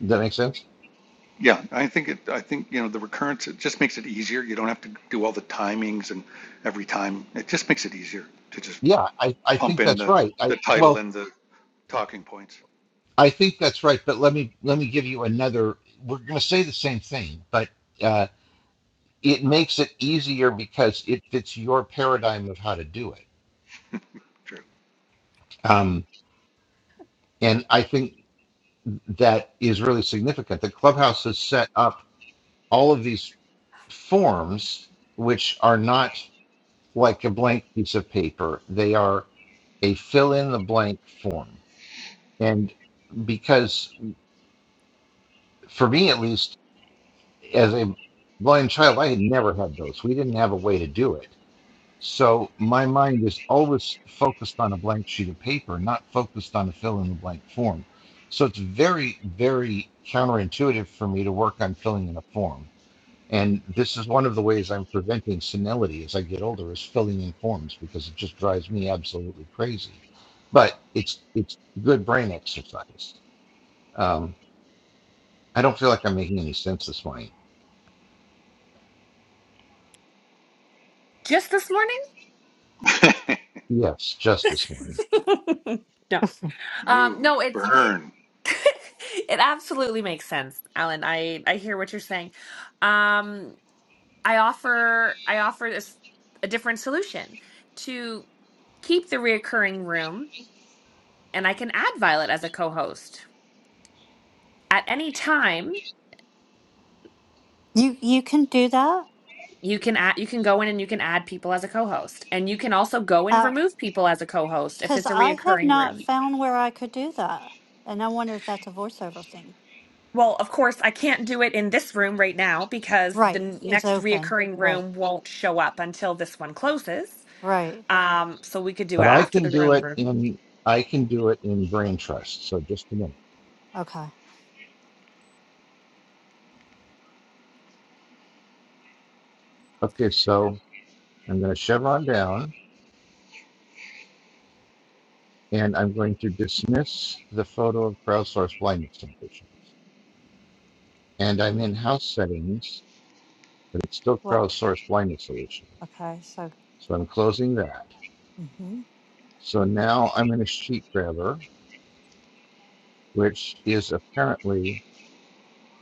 [SPEAKER 1] Does that make sense?
[SPEAKER 4] Yeah, I think it, I think, you know, the recurrence, it just makes it easier. You don't have to do all the timings and every time. It just makes it easier to just
[SPEAKER 1] Yeah, I, I
[SPEAKER 4] pump
[SPEAKER 1] think
[SPEAKER 4] in
[SPEAKER 1] that's
[SPEAKER 4] the,
[SPEAKER 1] right.
[SPEAKER 4] the
[SPEAKER 1] I
[SPEAKER 4] title
[SPEAKER 1] well,
[SPEAKER 4] and the talking points.
[SPEAKER 1] I think that's right, but let me let me give you another we're gonna say the same thing, but uh it makes it easier because it fits your paradigm of how to do it.
[SPEAKER 4] True.
[SPEAKER 1] Um, and I think that is really significant. The clubhouse is set up all of these forms, which are not like a blank piece of paper, they are a fill in the blank form. And because, for me at least, as a blind child, I had never had those. We didn't have a way to do it. So my mind is always focused on a blank sheet of paper, not focused on a fill in the blank form. So it's very, very counterintuitive for me to work on filling in a form And this is one of the ways I'm preventing senility as I get older is filling in forms because it just drives me absolutely crazy. But it's it's good brain exercise. Um, I don't feel like I'm making any sense this morning.
[SPEAKER 2] Just this morning?
[SPEAKER 1] Yes, just this morning.
[SPEAKER 2] no. Um,
[SPEAKER 4] Ooh,
[SPEAKER 2] no, it's
[SPEAKER 4] burn.
[SPEAKER 2] it absolutely makes sense, Alan. I I hear what you're saying. Um, I offer I offer this a different solution to keep the reoccurring room, and I can add Violet as a co-host at any time.
[SPEAKER 3] you you can do that?
[SPEAKER 2] You can add you can go in and you can add people as a co-host, and you can also go and remove people as a co-host if
[SPEAKER 3] Because
[SPEAKER 2] it's a
[SPEAKER 3] I have
[SPEAKER 2] reoccurring
[SPEAKER 3] not
[SPEAKER 2] room.
[SPEAKER 3] found where I could do that. And I wonder if that's a voiceover thing.
[SPEAKER 2] Well, of course, I can't do it in this room right now because the
[SPEAKER 3] Right.
[SPEAKER 2] n-
[SPEAKER 3] It's
[SPEAKER 2] next
[SPEAKER 3] open.
[SPEAKER 2] reoccurring
[SPEAKER 3] Right.
[SPEAKER 2] room won't show up until this one closes.
[SPEAKER 3] Right.
[SPEAKER 2] Um, so we could do it
[SPEAKER 1] But I
[SPEAKER 2] after
[SPEAKER 1] can
[SPEAKER 2] the
[SPEAKER 1] do
[SPEAKER 2] room
[SPEAKER 1] it
[SPEAKER 2] room.
[SPEAKER 1] in I can do it in brain trust. So just a minute.
[SPEAKER 3] Okay.
[SPEAKER 1] Okay, so I'm going to chevron down and I'm going to dismiss the photo of crowdsource blindness conditions. And I'm in house settings but it's still
[SPEAKER 3] What?
[SPEAKER 1] crowdsourced blindness solutions.
[SPEAKER 3] Okay. So,
[SPEAKER 1] So I'm closing that.
[SPEAKER 3] hmm
[SPEAKER 1] So now I'm in a sheet grabber, which is apparently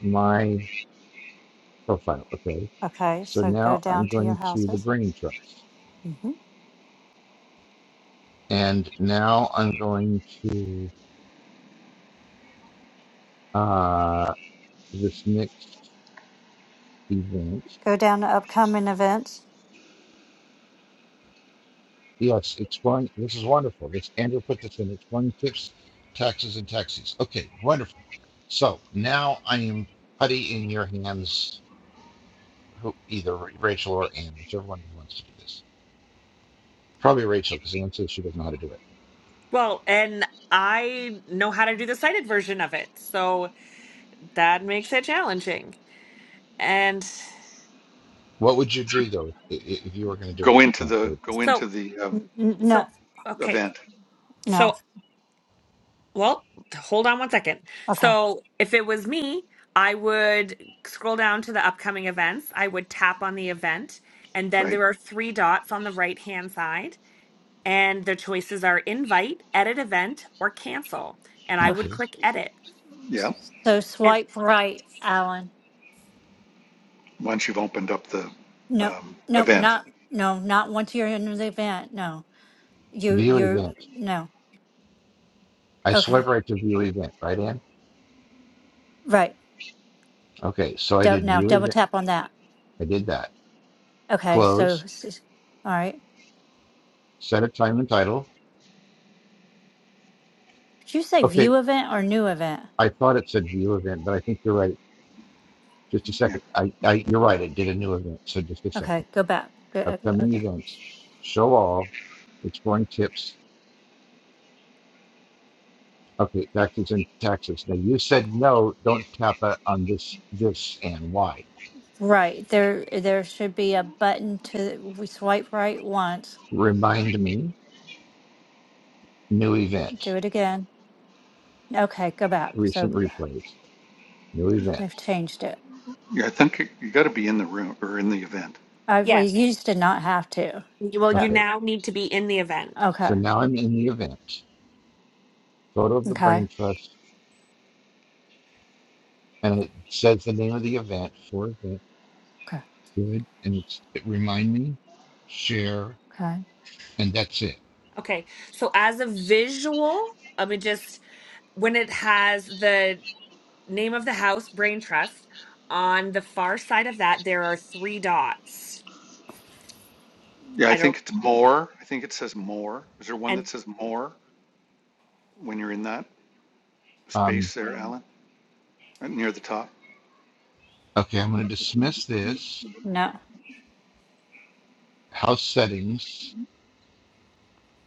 [SPEAKER 1] my profile. Okay.
[SPEAKER 3] okay.
[SPEAKER 1] So
[SPEAKER 3] So go
[SPEAKER 1] now
[SPEAKER 3] down
[SPEAKER 1] I'm
[SPEAKER 3] to your
[SPEAKER 1] going to the
[SPEAKER 3] houses.
[SPEAKER 1] brain trust.
[SPEAKER 3] hmm
[SPEAKER 1] And now I'm going to uh, this next event.
[SPEAKER 3] Go down to upcoming events.
[SPEAKER 1] Yes, exploring. This is wonderful. This Andrew put this in exploring tips, taxes, and taxis. Okay, wonderful. So now I am putty in your hands who either Rachel or Anne, whichever one wants to do this. Probably Rachel, because Anne says she doesn't know how to do it.
[SPEAKER 2] Well, and I know how to do the cited version of it, so that makes it challenging. And
[SPEAKER 1] What would you do though if, if you were going to do
[SPEAKER 4] Go
[SPEAKER 1] it?
[SPEAKER 4] into
[SPEAKER 1] Uh,
[SPEAKER 4] the,
[SPEAKER 1] Rachel.
[SPEAKER 4] go
[SPEAKER 2] so,
[SPEAKER 4] into the um,
[SPEAKER 3] N- n- no.
[SPEAKER 2] so okay,
[SPEAKER 4] event,
[SPEAKER 3] No.
[SPEAKER 2] so Well, hold on one second.
[SPEAKER 3] Okay.
[SPEAKER 2] So, if it was me, I would scroll down to the upcoming events. I would tap on the event, and then
[SPEAKER 4] right?
[SPEAKER 2] there are three dots on the right hand side, and the choices are invite, edit event, or cancel. And I
[SPEAKER 3] Okay.
[SPEAKER 2] would
[SPEAKER 1] Okay.
[SPEAKER 2] click edit.
[SPEAKER 4] Yeah,
[SPEAKER 3] So
[SPEAKER 2] And
[SPEAKER 3] swipe right, Alan.
[SPEAKER 4] once you've opened up the
[SPEAKER 3] No.
[SPEAKER 4] um,
[SPEAKER 3] No.
[SPEAKER 4] event.
[SPEAKER 3] Not. No. Not once you're in the event. No. You.
[SPEAKER 1] View
[SPEAKER 3] You're.
[SPEAKER 1] event.
[SPEAKER 3] No.
[SPEAKER 1] I
[SPEAKER 3] Okay.
[SPEAKER 1] swipe right to view event, right, Anne?
[SPEAKER 3] Right.
[SPEAKER 1] Okay. So I
[SPEAKER 3] do
[SPEAKER 1] did
[SPEAKER 3] now
[SPEAKER 1] view
[SPEAKER 3] double
[SPEAKER 1] event.
[SPEAKER 3] tap on that.
[SPEAKER 1] I did that.
[SPEAKER 3] Okay. So.
[SPEAKER 1] Close.
[SPEAKER 3] s- s- All right.
[SPEAKER 1] Set a time and title.
[SPEAKER 3] Did you say
[SPEAKER 1] Okay.
[SPEAKER 3] view event or new event?
[SPEAKER 1] I thought it said view event, but I think you're right. Just a
[SPEAKER 4] Yeah,
[SPEAKER 1] second. I, I you're right. It did a new event. So just a second.
[SPEAKER 3] Okay. Go back. Go- uh,
[SPEAKER 1] Upcoming
[SPEAKER 3] Okay.
[SPEAKER 1] events. Show all. Exploring tips Okay, taxes and taxes. Now you said no, don't tap on this, this and why.
[SPEAKER 3] Right. There there should be a button to we swipe right once.
[SPEAKER 1] Remind me, new
[SPEAKER 3] Do
[SPEAKER 1] event,
[SPEAKER 3] it again. Okay, go back. So
[SPEAKER 1] recent replays, new event.
[SPEAKER 3] they've changed it.
[SPEAKER 4] yeah, I think you, you got to be in the room or in the event.
[SPEAKER 3] I we
[SPEAKER 2] yes,
[SPEAKER 3] used to not have to.
[SPEAKER 2] you- well, you
[SPEAKER 3] So
[SPEAKER 1] Okay,
[SPEAKER 2] now need to be in the event.
[SPEAKER 1] so
[SPEAKER 3] okay.
[SPEAKER 1] now I'm in the event, photo of the
[SPEAKER 3] Okay.
[SPEAKER 1] brain trust, and it says the name of the event for event.
[SPEAKER 3] Okay.
[SPEAKER 1] Good, and it's it remind me, share,
[SPEAKER 3] Okay.
[SPEAKER 1] and that's it.
[SPEAKER 2] Okay. So, as a visual, let me just when it has the name of the house, Brain Trust. On the far side of that, there are three dots.
[SPEAKER 4] Yeah, I
[SPEAKER 2] I
[SPEAKER 4] think
[SPEAKER 2] don't
[SPEAKER 4] it's more. I think it says more. Is there one
[SPEAKER 2] and
[SPEAKER 4] that says more when you're in that
[SPEAKER 1] Um,
[SPEAKER 4] space there, Alan? right near the top.
[SPEAKER 1] okay, I'm gonna dismiss this.
[SPEAKER 3] No.
[SPEAKER 1] House settings.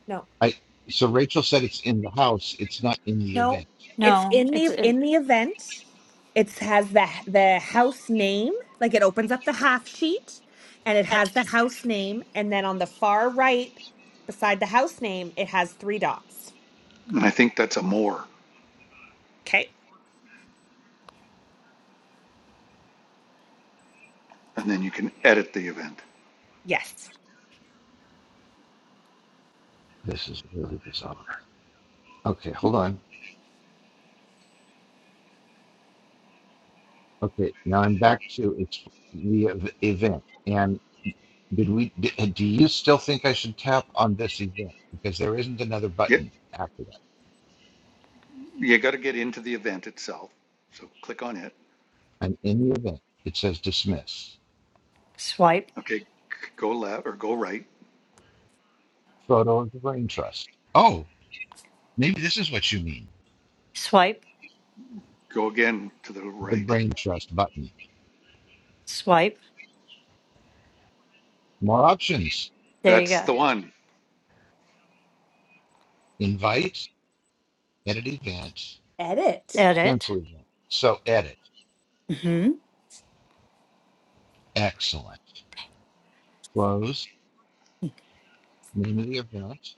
[SPEAKER 2] no,
[SPEAKER 1] I so Rachel said it's in the house, it's not in the
[SPEAKER 2] no.
[SPEAKER 1] event.
[SPEAKER 2] It's
[SPEAKER 3] No,
[SPEAKER 2] in
[SPEAKER 3] it's
[SPEAKER 2] the
[SPEAKER 3] it,
[SPEAKER 2] in the event. It has the the house name. Like it opens up the half sheet, and it has the
[SPEAKER 3] it's-
[SPEAKER 2] house name. And then on the far right, beside the house name, it has three dots.
[SPEAKER 4] And I think that's a more.
[SPEAKER 2] Okay.
[SPEAKER 4] And then you can edit the event.
[SPEAKER 2] Yes.
[SPEAKER 1] This is really bizarre. Okay, hold on. Okay, now I'm back to it's the ev- event. And did we? d- uh, Do you still think I should tap on this event because there isn't another
[SPEAKER 4] Yep,
[SPEAKER 1] button after that?
[SPEAKER 4] you got to get into the event itself. So click on it.
[SPEAKER 1] I'm in the event. It says dismiss.
[SPEAKER 3] swipe,
[SPEAKER 4] Okay, go left or go right.
[SPEAKER 1] Photo of the brain trust. Oh, maybe this is what you mean.
[SPEAKER 3] swipe,
[SPEAKER 4] Go again to the
[SPEAKER 1] The
[SPEAKER 4] right.
[SPEAKER 1] brain trust button.
[SPEAKER 3] swipe.
[SPEAKER 1] More options.
[SPEAKER 3] There you
[SPEAKER 4] That's
[SPEAKER 3] go.
[SPEAKER 4] the one.
[SPEAKER 1] Invite. Edit event.
[SPEAKER 2] Edit.
[SPEAKER 3] Edit.
[SPEAKER 1] Cancel event. So edit.
[SPEAKER 3] Mhm.
[SPEAKER 1] Excellent. Close. Name of the event.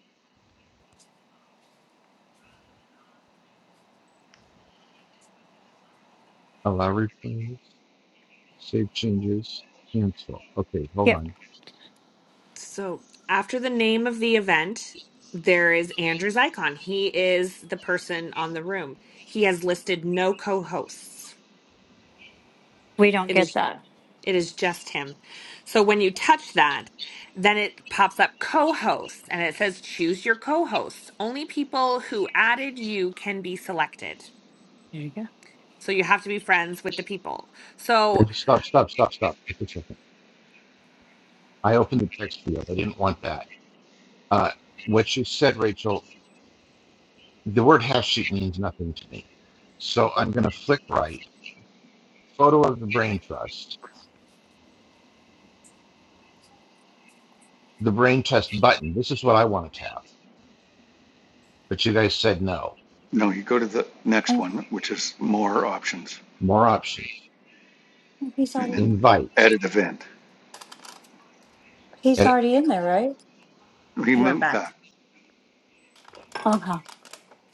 [SPEAKER 1] Allow replays. Save changes. Cancel. Okay, hold
[SPEAKER 3] Yep.
[SPEAKER 1] on.
[SPEAKER 2] So after the name of the event, there is Andrew's icon. He is the person on the room. He has listed no co-hosts.
[SPEAKER 3] We don't
[SPEAKER 2] It
[SPEAKER 3] get
[SPEAKER 2] is
[SPEAKER 3] that.
[SPEAKER 2] it is just him. So when you touch that, then it pops up co-hosts and it says choose your co-hosts. Only people who added you can be selected.
[SPEAKER 3] There you go.
[SPEAKER 2] So you have to be friends with the people. So
[SPEAKER 1] Okay, Stop, stop, stop, stop. Just a second. I opened the text field. I didn't want that. Uh, what you said, Rachel, the word hash sheet means nothing to me. So I'm going to flick right. Photo of the brain trust. The brain trust button. This is what I want to tap. But you guys said no.
[SPEAKER 4] No, you go to the next
[SPEAKER 3] Oh,
[SPEAKER 4] one, which is more options,
[SPEAKER 1] More options.
[SPEAKER 3] he's
[SPEAKER 4] and
[SPEAKER 3] already
[SPEAKER 4] then
[SPEAKER 1] Invite.
[SPEAKER 4] edit event.
[SPEAKER 3] he's
[SPEAKER 1] Edit.
[SPEAKER 3] already in there, right?
[SPEAKER 4] We
[SPEAKER 2] He went
[SPEAKER 4] move
[SPEAKER 2] back.
[SPEAKER 4] back.
[SPEAKER 3] Okay.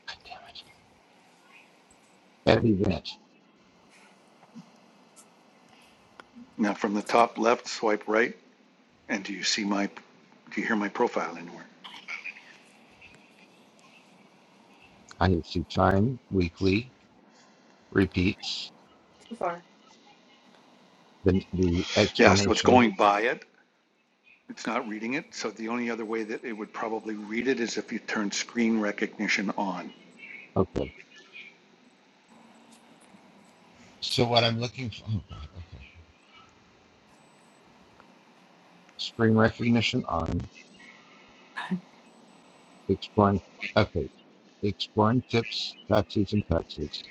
[SPEAKER 1] God damn it. Edit event.
[SPEAKER 4] Now from the top left, swipe right, and do you see my, do you hear my profile anywhere?
[SPEAKER 1] I need to see time, weekly, repeats, the, the
[SPEAKER 4] Yeah, so it's
[SPEAKER 1] explanation.
[SPEAKER 4] going by it. It's not reading it, so the only other way that it would probably read it is if you turn screen recognition on.
[SPEAKER 1] Okay. So what I'm looking for, oh God, okay. Screen recognition on, exploring, okay. Exploring tips, taxis and taxes.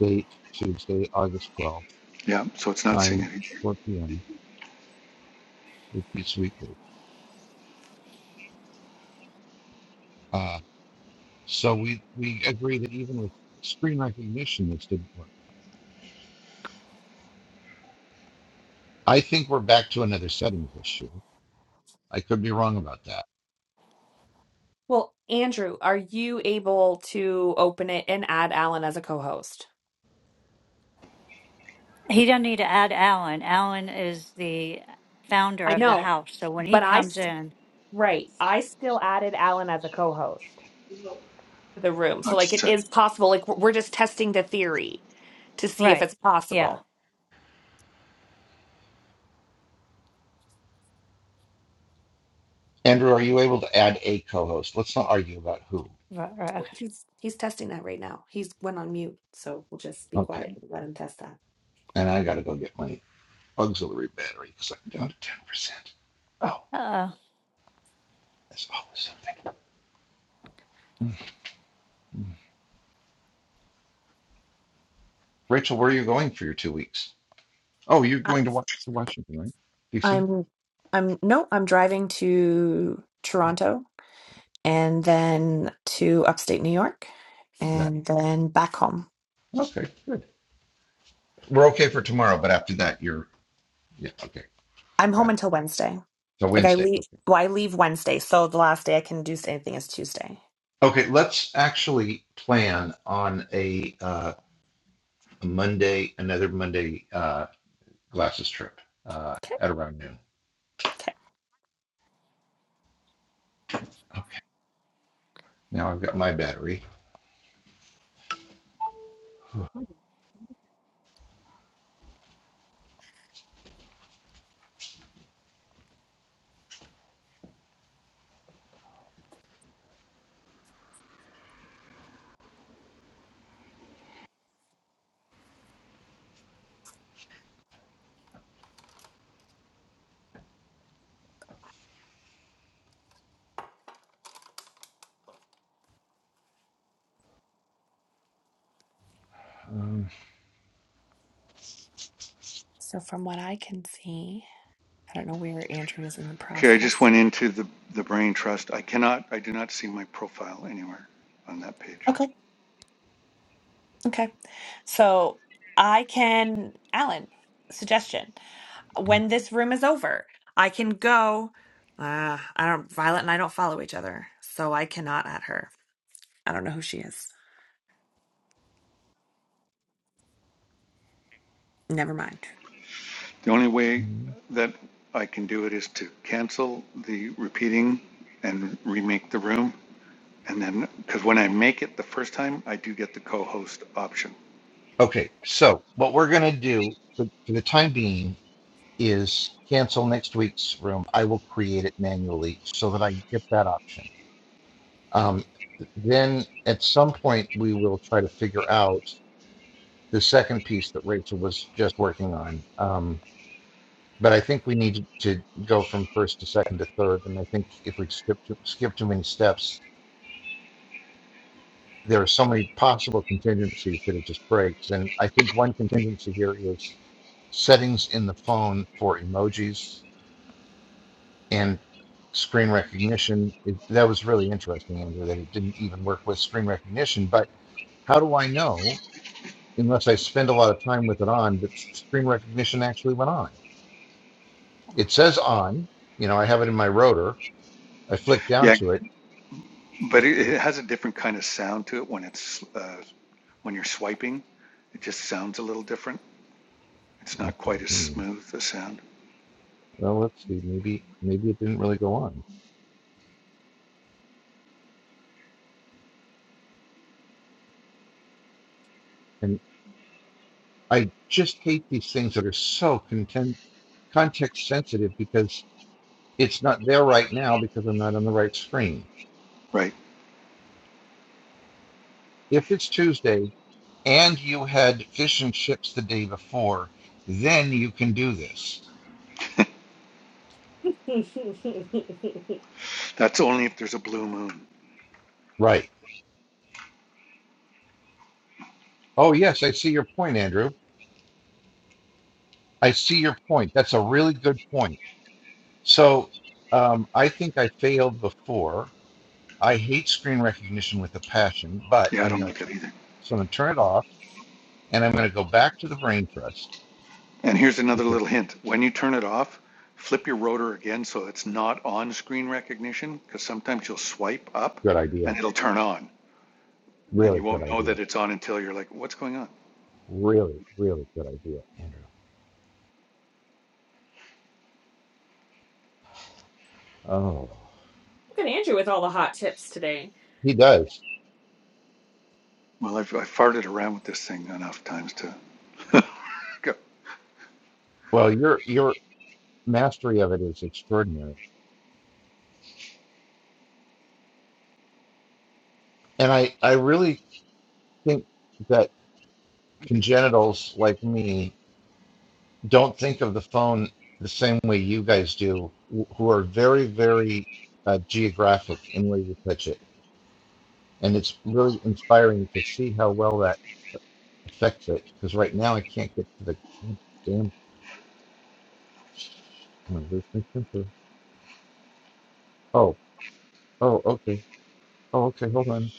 [SPEAKER 1] Date, Tuesday, August 12th,
[SPEAKER 4] Yeah, so it's not seeing
[SPEAKER 1] time,
[SPEAKER 4] anything.
[SPEAKER 1] 4 p.m., repeats weekly. Uh, so we, we agree that even with screen recognition, this didn't work. I think we're back to another settings issue. I could be wrong about that.
[SPEAKER 2] Well, Andrew, are you able to open it and add Alan as a co-host?
[SPEAKER 3] He doesn't need to add Alan. Alan is the founder
[SPEAKER 2] I
[SPEAKER 3] of the
[SPEAKER 2] know,
[SPEAKER 3] house. So when he
[SPEAKER 2] but I
[SPEAKER 3] comes
[SPEAKER 2] st
[SPEAKER 3] in,
[SPEAKER 2] right, I still added Alan as a co-host to the room. So
[SPEAKER 4] Not
[SPEAKER 2] like
[SPEAKER 4] just a
[SPEAKER 2] it
[SPEAKER 4] sec.
[SPEAKER 2] is possible. Like we're we're just testing the theory to see if
[SPEAKER 3] right?
[SPEAKER 2] it's
[SPEAKER 3] Yeah.
[SPEAKER 2] possible.
[SPEAKER 1] Andrew, are you able to add a co-host? Let's not argue about who.
[SPEAKER 3] Right. right. okay.
[SPEAKER 2] Well, He's he's testing that right now. He's went on mute, so we'll just be
[SPEAKER 1] Okay.
[SPEAKER 2] quiet and let him test that.
[SPEAKER 1] And I got to go get my auxiliary battery because I'm down to ten percent. Oh,
[SPEAKER 3] Uh,
[SPEAKER 1] that's always something. Mhm. Rachel, where are you going for your two weeks? Oh, you're
[SPEAKER 2] I-
[SPEAKER 1] going to wa- to Washington, right? DC.
[SPEAKER 2] I'm I'm no, I'm driving to Toronto and then to upstate New York
[SPEAKER 1] That.
[SPEAKER 2] and then back home.
[SPEAKER 1] Okay, good. We're okay for tomorrow, but after that, you're yeah. Okay,
[SPEAKER 2] I'm home
[SPEAKER 1] got it.
[SPEAKER 2] until Wednesday.
[SPEAKER 1] So
[SPEAKER 2] Like I
[SPEAKER 1] Wednesday.
[SPEAKER 2] leave
[SPEAKER 1] Okay.
[SPEAKER 2] well, I leave Wednesday, so the last day I can do anything is Tuesday.
[SPEAKER 1] Okay, let's actually plan on a uh, Monday, another Monday uh, glasses trip uh,
[SPEAKER 2] Okay.
[SPEAKER 1] at around noon.
[SPEAKER 2] Okay.
[SPEAKER 1] Okay. Now I've got my battery. Um,
[SPEAKER 2] So from what I can see, I don't know where Andrew is in the
[SPEAKER 4] Okay, I just
[SPEAKER 2] process.
[SPEAKER 4] went into the, the brain trust. I cannot, I do not see my profile anywhere on that page.
[SPEAKER 2] Okay. Okay. So I can, Alan, suggestion. When this room is over, I can go. Uh, I don't, Violet and I don't follow each other, so I cannot at her. I don't know who she is. Never mind.
[SPEAKER 4] The only way
[SPEAKER 1] okay.
[SPEAKER 4] that I can do it is to cancel the repeating and remake the room. And then, because when I make it the first time, I do get the co-host option.
[SPEAKER 1] Okay, so what we're gonna do for, for the time being is cancel next week's room. I will create it manually so that I get that option. Um, then at some point we will try to figure out the second piece that Rachel was just working on. Um, but I think we need to go from first to second to third, and I think if we skip too, skip too many steps, there are so many possible contingencies that it just breaks. And I think one contingency here is settings in the phone for emojis and screen recognition. It, that was really interesting, Andrew, that it didn't even work with screen recognition. But how do I know, unless I spend a lot of time with it on, that screen recognition actually went on? It says on, you know, I have it in my rotor. I flick down
[SPEAKER 4] Yeah,
[SPEAKER 1] to it.
[SPEAKER 4] but it,
[SPEAKER 1] Yeah,
[SPEAKER 4] it has a different kind of sound to it when it's uh, when you're swiping, it just sounds a little different. It's not
[SPEAKER 1] Okay.
[SPEAKER 4] quite as
[SPEAKER 1] hmm.
[SPEAKER 4] smooth a sound.
[SPEAKER 1] Well, let's see. Maybe, maybe it didn't really go on. And I just hate these things that are so content context sensitive because it's not there right now because I'm not on the right screen.
[SPEAKER 4] Right.
[SPEAKER 1] If it's Tuesday and you had fish and chips the day before, then you can do this.
[SPEAKER 2] Look
[SPEAKER 4] That's only if there's a blue moon.
[SPEAKER 1] Right. Oh, yes, I see your point, Andrew. I see your point. That's a really good point. So um, I think I failed before. I hate screen recognition with a passion, but
[SPEAKER 4] Yeah, I
[SPEAKER 1] I'm
[SPEAKER 4] don't
[SPEAKER 1] going
[SPEAKER 4] like
[SPEAKER 1] to
[SPEAKER 4] that either.
[SPEAKER 1] so I'm going to turn it off and I'm going to go back to the brain trust.
[SPEAKER 4] And here's another
[SPEAKER 1] It's a
[SPEAKER 4] little hint. When you turn it off, flip your rotor again so it's not on screen recognition because sometimes you'll swipe up
[SPEAKER 1] good idea.
[SPEAKER 4] and it'll turn on and you
[SPEAKER 1] Really good
[SPEAKER 4] won't know
[SPEAKER 1] idea.
[SPEAKER 4] that it's on until you're like, what's going on?
[SPEAKER 1] Really, really good idea, Andrew. Oh.
[SPEAKER 2] at Andrew with all the hot tips today.
[SPEAKER 1] He does.
[SPEAKER 4] Well, I've, I've farted around with this thing enough times to go.
[SPEAKER 1] Well, your your mastery of it is extraordinary. And I I really think that congenitals like me don't think of the phone the same way you guys do, who are very very uh, geographic in where you touch it. And it's really inspiring to see how well that affects it. Because right now I can't get to the damn. I'm gonna lose my temper. Oh, oh, okay. Oh, okay. Hold on.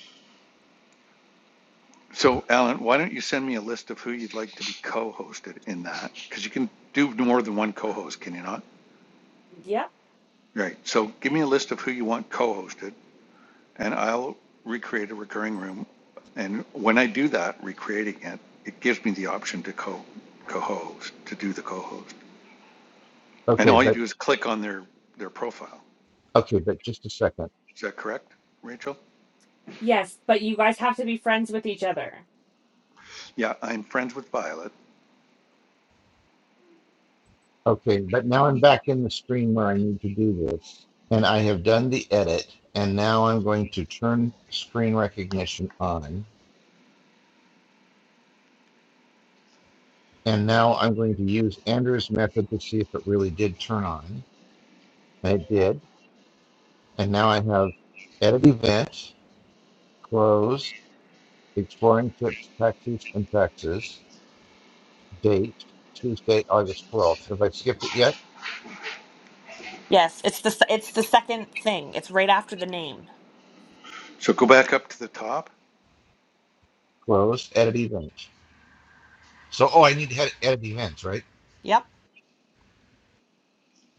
[SPEAKER 4] So, Alan, why don't you send me a list of who you'd like to be co-hosted in that? Because you can do more than one co-host, can you not?
[SPEAKER 2] Yep.
[SPEAKER 4] Right. So, give me a list of who you want co-hosted, and I'll recreate a recurring room. And when I do that, recreating it, it gives me the option to co co-host to do the co-host. And
[SPEAKER 1] Okay,
[SPEAKER 4] all you
[SPEAKER 1] but
[SPEAKER 4] do is click on their their profile.
[SPEAKER 1] okay, but just a second.
[SPEAKER 4] Is that correct, Rachel?
[SPEAKER 2] Yes, but you guys have to be friends with each other.
[SPEAKER 4] Yeah, I'm friends with Violet.
[SPEAKER 1] Okay, but now I'm back in the screen where I need to do this. And I have done the edit. And now I'm going to turn screen recognition on. And now I'm going to use Andrew's method to see if it really did turn on. And it did. And now I have edit event, close, exploring tips, taxis, and taxes, date, Tuesday, August 12th. Have I skipped it yet?
[SPEAKER 2] Yes, it's the se- it's the second thing. It's right after the name.
[SPEAKER 4] So go back up to the top.
[SPEAKER 1] Close, edit event. So, oh, I need to edit events, right?
[SPEAKER 2] Yep.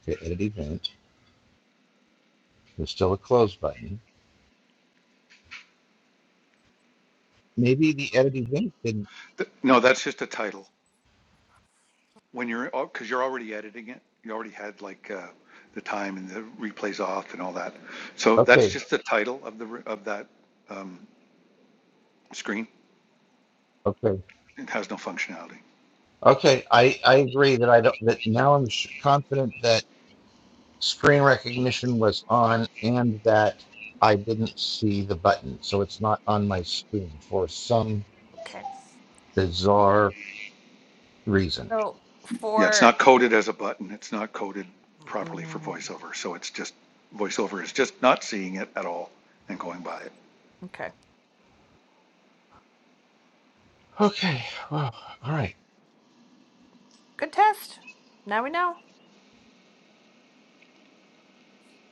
[SPEAKER 1] Okay, edit event. There's still a close button. maybe the edit event didn't.
[SPEAKER 4] Th- No, that's just a title. when you're because you're already editing it you already had like uh, the time and the replays off and all that so that's
[SPEAKER 1] Okay,
[SPEAKER 4] just the title of the of that um, screen
[SPEAKER 1] okay,
[SPEAKER 4] it has no functionality
[SPEAKER 1] okay. I I agree that I don't that now I'm sh- confident that screen recognition was on and that I didn't see the button, so it's not on my screen for some
[SPEAKER 2] Okay.
[SPEAKER 1] bizarre reason.
[SPEAKER 2] So
[SPEAKER 4] yeah it's
[SPEAKER 2] for
[SPEAKER 4] not coded as a button it's not coded properly for
[SPEAKER 2] mm,
[SPEAKER 4] voiceover so it's just voiceover is just not seeing it at all and going by it
[SPEAKER 2] okay,
[SPEAKER 1] Okay, well, all right.
[SPEAKER 2] good test. Now we know.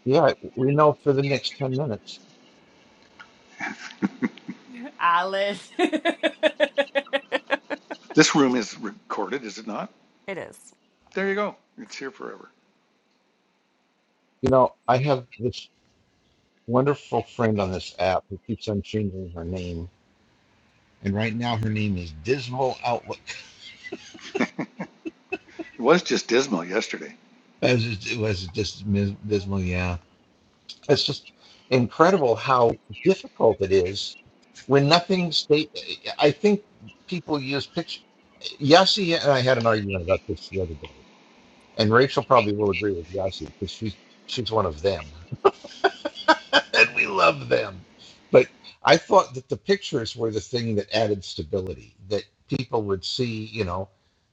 [SPEAKER 1] Yeah, we know for the next ten minutes.
[SPEAKER 2] Ah,
[SPEAKER 4] this room is recorded is it not
[SPEAKER 2] it is
[SPEAKER 4] there you go it's here forever
[SPEAKER 1] You know, I have this wonderful friend on this app who keeps on changing her name, and right now her name is Dismal Outlook.
[SPEAKER 4] it was just dismal yesterday
[SPEAKER 1] It was just, it was just mis- dismal. Yeah, it's just incredible how difficult it is when nothing state. I think people use picture. Yassi and I had an argument about this the other day, and Rachel probably will agree with Yassi because she's she's one of them. and we love them. But I thought that the pictures were the thing that added stability, that people would see, you know,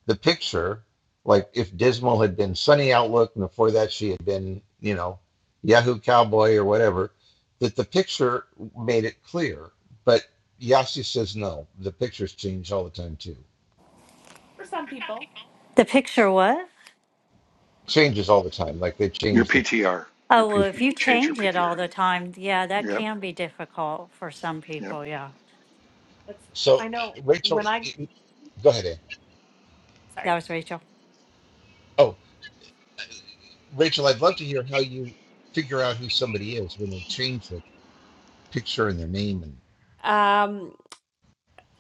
[SPEAKER 1] the picture, like if Dismal had been Sunny Outlook and before that she had been, you know, Yahoo Cowboy or whatever, that the picture made it clear. But Yasi says no, the pictures change all the time too.
[SPEAKER 2] for some people.
[SPEAKER 3] the picture what?
[SPEAKER 1] Changes all the time. Like they
[SPEAKER 4] your
[SPEAKER 1] change the.
[SPEAKER 4] ptr your
[SPEAKER 3] Oh well,
[SPEAKER 4] pt
[SPEAKER 3] if
[SPEAKER 4] you
[SPEAKER 3] you
[SPEAKER 4] changed your
[SPEAKER 3] change it
[SPEAKER 4] ptr
[SPEAKER 3] all the time, yeah, that
[SPEAKER 4] yep
[SPEAKER 3] can be difficult for some
[SPEAKER 4] yep
[SPEAKER 3] people. Yeah,
[SPEAKER 2] That's
[SPEAKER 1] So
[SPEAKER 2] I know
[SPEAKER 1] Rachel,
[SPEAKER 2] when I
[SPEAKER 1] go ahead, Ann.
[SPEAKER 3] that
[SPEAKER 2] sorry.
[SPEAKER 3] was Rachel.
[SPEAKER 1] Oh, Rachel, I'd love to hear how you figure out who somebody is when they change their picture and their name. And
[SPEAKER 2] Um,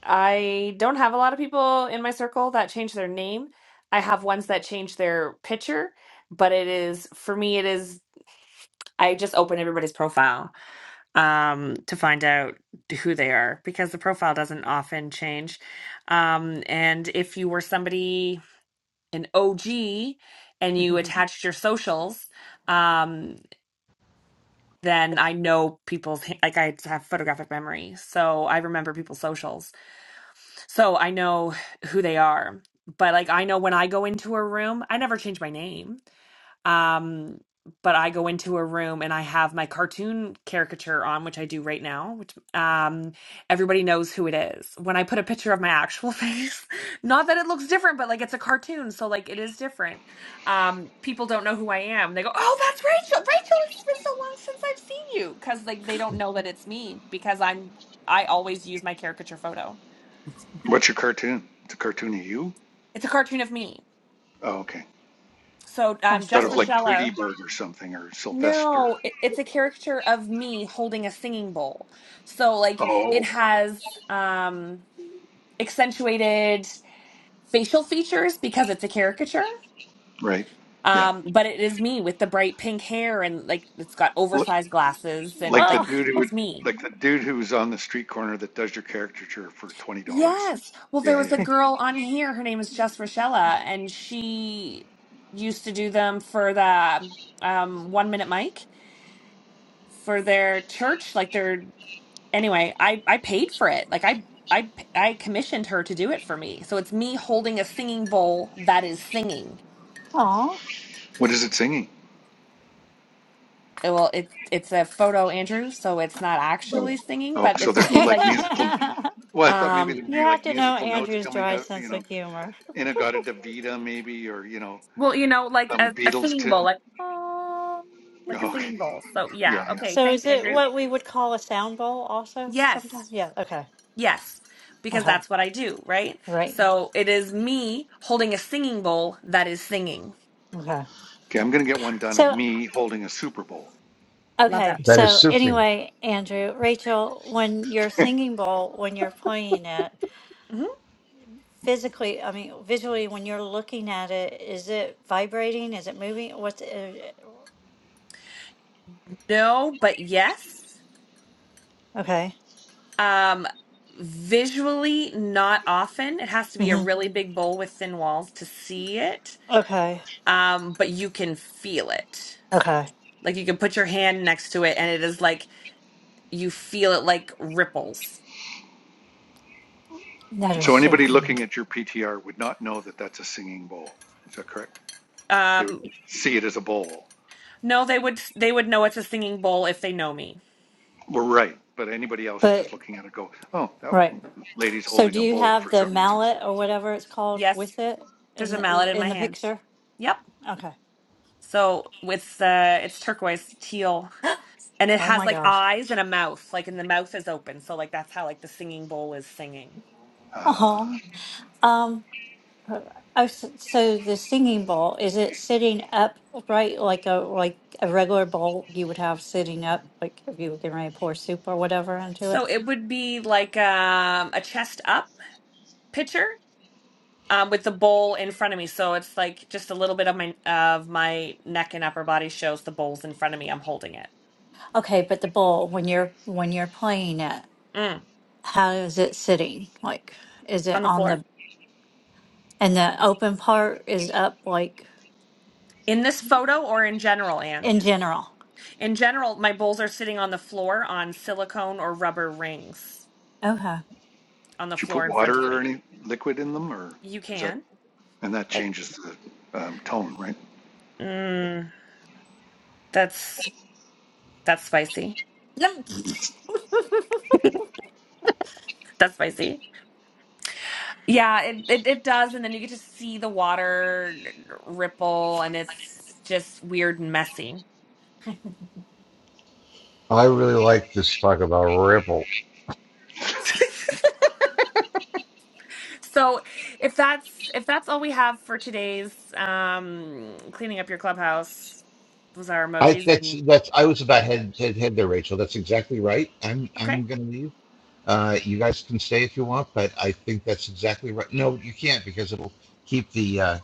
[SPEAKER 2] I don't have a lot of people in my circle that change their name. I have ones that change their picture, but it is for me. It is I just open everybody's profile um, to find out who they are because the profile doesn't often change. Um, and if you were somebody, an OG, and you attached your socials, um, then I know people's, like I have photographic memory. So I remember people's socials. So I know who they are. But like I know when I go into a room, I never change my name um, but I go into a room and I have my cartoon caricature on, which I do right now, which um, everybody knows who it is. When I put a picture of my actual face, not that it looks different, but like it's a cartoon, so like it is different. Um, people don't know who I am. They go, "Oh, that's Rachel. Rachel, it's been so long since I've seen you," because like they don't know that it's me because I'm I always use my caricature photo.
[SPEAKER 4] What's your cartoon? It's a cartoon of you?
[SPEAKER 2] It's a cartoon of me.
[SPEAKER 4] Oh, okay.
[SPEAKER 2] So um,
[SPEAKER 3] That's
[SPEAKER 4] Thought it
[SPEAKER 2] Jess
[SPEAKER 4] was
[SPEAKER 3] cool.
[SPEAKER 4] like Tweety
[SPEAKER 2] Rochella.
[SPEAKER 4] Bird or something or Sylvester.
[SPEAKER 2] No, it, it's a caricature of me holding a singing bowl. So like it
[SPEAKER 4] Oh,
[SPEAKER 2] has um accentuated facial features because it's a caricature.
[SPEAKER 4] right. Yeah.
[SPEAKER 2] Um, but it is me with the bright pink hair and like it's got
[SPEAKER 4] L-
[SPEAKER 2] oversized glasses and
[SPEAKER 4] like the
[SPEAKER 3] Oh,
[SPEAKER 2] like
[SPEAKER 4] dude who would,
[SPEAKER 2] it's me.
[SPEAKER 4] like the dude who's on the street corner that does your caricature for twenty dollars.
[SPEAKER 2] Yes. Well, there
[SPEAKER 4] Yeah,
[SPEAKER 2] was
[SPEAKER 4] yeah.
[SPEAKER 2] a girl on here, her name is Jess Rochella, and she used to do them for the um One Minute Mic for their church, like their anyway, I I paid for it. Like I I I commissioned her to do it for me. So it's me holding a singing bowl that is singing.
[SPEAKER 3] aw.
[SPEAKER 4] What is it singing?
[SPEAKER 2] It- Well, it's it's a photo, Andrew, so it's not
[SPEAKER 4] Oh,
[SPEAKER 2] actually singing,
[SPEAKER 4] oh.
[SPEAKER 2] but
[SPEAKER 4] So
[SPEAKER 2] it's
[SPEAKER 4] there's no
[SPEAKER 2] it's
[SPEAKER 4] like
[SPEAKER 2] like
[SPEAKER 4] musical. Well, I thought maybe there'd
[SPEAKER 3] you
[SPEAKER 2] um
[SPEAKER 4] be
[SPEAKER 3] have
[SPEAKER 4] like
[SPEAKER 3] to know
[SPEAKER 4] musical notes
[SPEAKER 3] Andrew's
[SPEAKER 4] coming
[SPEAKER 3] dry
[SPEAKER 4] out. You
[SPEAKER 3] sense
[SPEAKER 4] know,
[SPEAKER 3] of humor.
[SPEAKER 4] Inagata Davida maybe, or you know,
[SPEAKER 2] well, you know, like
[SPEAKER 4] some
[SPEAKER 2] a, a
[SPEAKER 4] Beatles
[SPEAKER 2] singing bowl,
[SPEAKER 4] tune.
[SPEAKER 2] like oh, like a
[SPEAKER 4] Oh, okay.
[SPEAKER 2] singing bowl. So
[SPEAKER 4] Yeah,
[SPEAKER 2] yeah,
[SPEAKER 4] I know.
[SPEAKER 2] okay,
[SPEAKER 3] so
[SPEAKER 2] thanks,
[SPEAKER 3] is it
[SPEAKER 2] Andrew.
[SPEAKER 3] what we would call a sound bowl? Also,
[SPEAKER 2] Yes,
[SPEAKER 3] sometimes. Yeah. Okay.
[SPEAKER 2] yes, because
[SPEAKER 3] Okay.
[SPEAKER 2] that's what I do, right?
[SPEAKER 3] Right.
[SPEAKER 2] So it is me holding a singing bowl that is singing.
[SPEAKER 3] Okay.
[SPEAKER 4] Okay, I'm gonna get one done of
[SPEAKER 3] So,
[SPEAKER 4] me holding a Super Bowl.
[SPEAKER 2] Love
[SPEAKER 3] okay.
[SPEAKER 2] that for
[SPEAKER 1] that
[SPEAKER 2] you.
[SPEAKER 1] is
[SPEAKER 3] So,
[SPEAKER 1] souping.
[SPEAKER 3] anyway, Andrew, Rachel, when you're singing bowl, when you're playing it,
[SPEAKER 2] hmm
[SPEAKER 3] physically, I mean, visually, when you're looking at it, is it vibrating? Is it moving? What's it?
[SPEAKER 2] No, but yes.
[SPEAKER 3] Okay.
[SPEAKER 2] Um, visually, not often. It has to be a
[SPEAKER 3] hmm
[SPEAKER 2] really big bowl with thin walls to see it.
[SPEAKER 3] Okay.
[SPEAKER 2] Um, but you can feel it.
[SPEAKER 3] Okay.
[SPEAKER 2] Like you can put your hand next to it, and it is like you feel it like ripples.
[SPEAKER 3] That is
[SPEAKER 4] So
[SPEAKER 3] so
[SPEAKER 4] anybody
[SPEAKER 3] cool.
[SPEAKER 4] looking at your PTR would not know that that's a singing bowl. Is that correct? They would
[SPEAKER 2] Um,
[SPEAKER 4] see it as a bowl.
[SPEAKER 2] no, they would they would know it's a singing bowl if they know me.
[SPEAKER 4] We're right. But anybody else just
[SPEAKER 3] But,
[SPEAKER 4] looking at it go, oh, that
[SPEAKER 3] right.
[SPEAKER 4] lady's
[SPEAKER 3] So,
[SPEAKER 4] holding
[SPEAKER 3] do
[SPEAKER 4] a
[SPEAKER 3] you
[SPEAKER 4] bowl
[SPEAKER 3] have
[SPEAKER 4] for
[SPEAKER 3] the
[SPEAKER 4] some reason.
[SPEAKER 3] mallet or whatever it's called
[SPEAKER 2] Yes,
[SPEAKER 3] with it
[SPEAKER 2] there's
[SPEAKER 3] in
[SPEAKER 2] a
[SPEAKER 3] the,
[SPEAKER 2] mallet in
[SPEAKER 3] in
[SPEAKER 2] my
[SPEAKER 3] the
[SPEAKER 2] hand.
[SPEAKER 3] picture?
[SPEAKER 2] Yep.
[SPEAKER 3] Okay.
[SPEAKER 2] So with uh, it's turquoise teal, and it
[SPEAKER 3] Oh
[SPEAKER 2] has
[SPEAKER 3] my
[SPEAKER 2] like
[SPEAKER 3] gosh.
[SPEAKER 2] eyes and a mouth. Like, and the mouth is open. So like that's how like the singing bowl is singing.
[SPEAKER 3] Uh
[SPEAKER 4] Uh,
[SPEAKER 3] huh. Oh, so so the singing bowl, is it sitting up right like a like a regular bowl you would have sitting up, like if you were getting ready to pour soup or whatever into it?
[SPEAKER 2] So it would be like um, a chest up picture um, with the bowl in front of me. So it's like just a little bit of my of my neck and upper body shows the bowl's in front of me. I'm holding it
[SPEAKER 3] Okay, but the bowl when you're when you're playing it,
[SPEAKER 2] mm.
[SPEAKER 3] how is it sitting? Like is it
[SPEAKER 2] on the
[SPEAKER 3] on
[SPEAKER 2] floor.
[SPEAKER 3] the and the open part is up like
[SPEAKER 2] In this photo or in general, Anne?
[SPEAKER 3] in general?
[SPEAKER 2] In general, my bowls are sitting on the floor on silicone or rubber rings
[SPEAKER 3] Okay.
[SPEAKER 2] on the
[SPEAKER 4] did you put
[SPEAKER 2] floor in front of
[SPEAKER 4] water or
[SPEAKER 2] me.
[SPEAKER 4] any liquid in them or
[SPEAKER 2] You
[SPEAKER 4] is that,
[SPEAKER 2] can.
[SPEAKER 4] and that
[SPEAKER 2] It,
[SPEAKER 4] changes the um, tone, right?
[SPEAKER 2] mm, that's that's spicy.
[SPEAKER 3] Yep.
[SPEAKER 4] It's-
[SPEAKER 2] That's spicy. Yeah, it, it it does, and then you get to see the water ripple, and it's just weird and messy.
[SPEAKER 1] I really like this talk about Ripple.
[SPEAKER 2] So, if that's if that's all we have for today's um cleaning up your clubhouse, those are
[SPEAKER 1] I
[SPEAKER 2] emojis
[SPEAKER 1] that's
[SPEAKER 2] and
[SPEAKER 1] that's I was about head head, head there, Rachel. That's exactly right. I'm
[SPEAKER 2] okay,
[SPEAKER 1] I'm gonna leave. Uh, you guys can stay if you want, but I think that's exactly right. No, you can't because it'll keep the uh,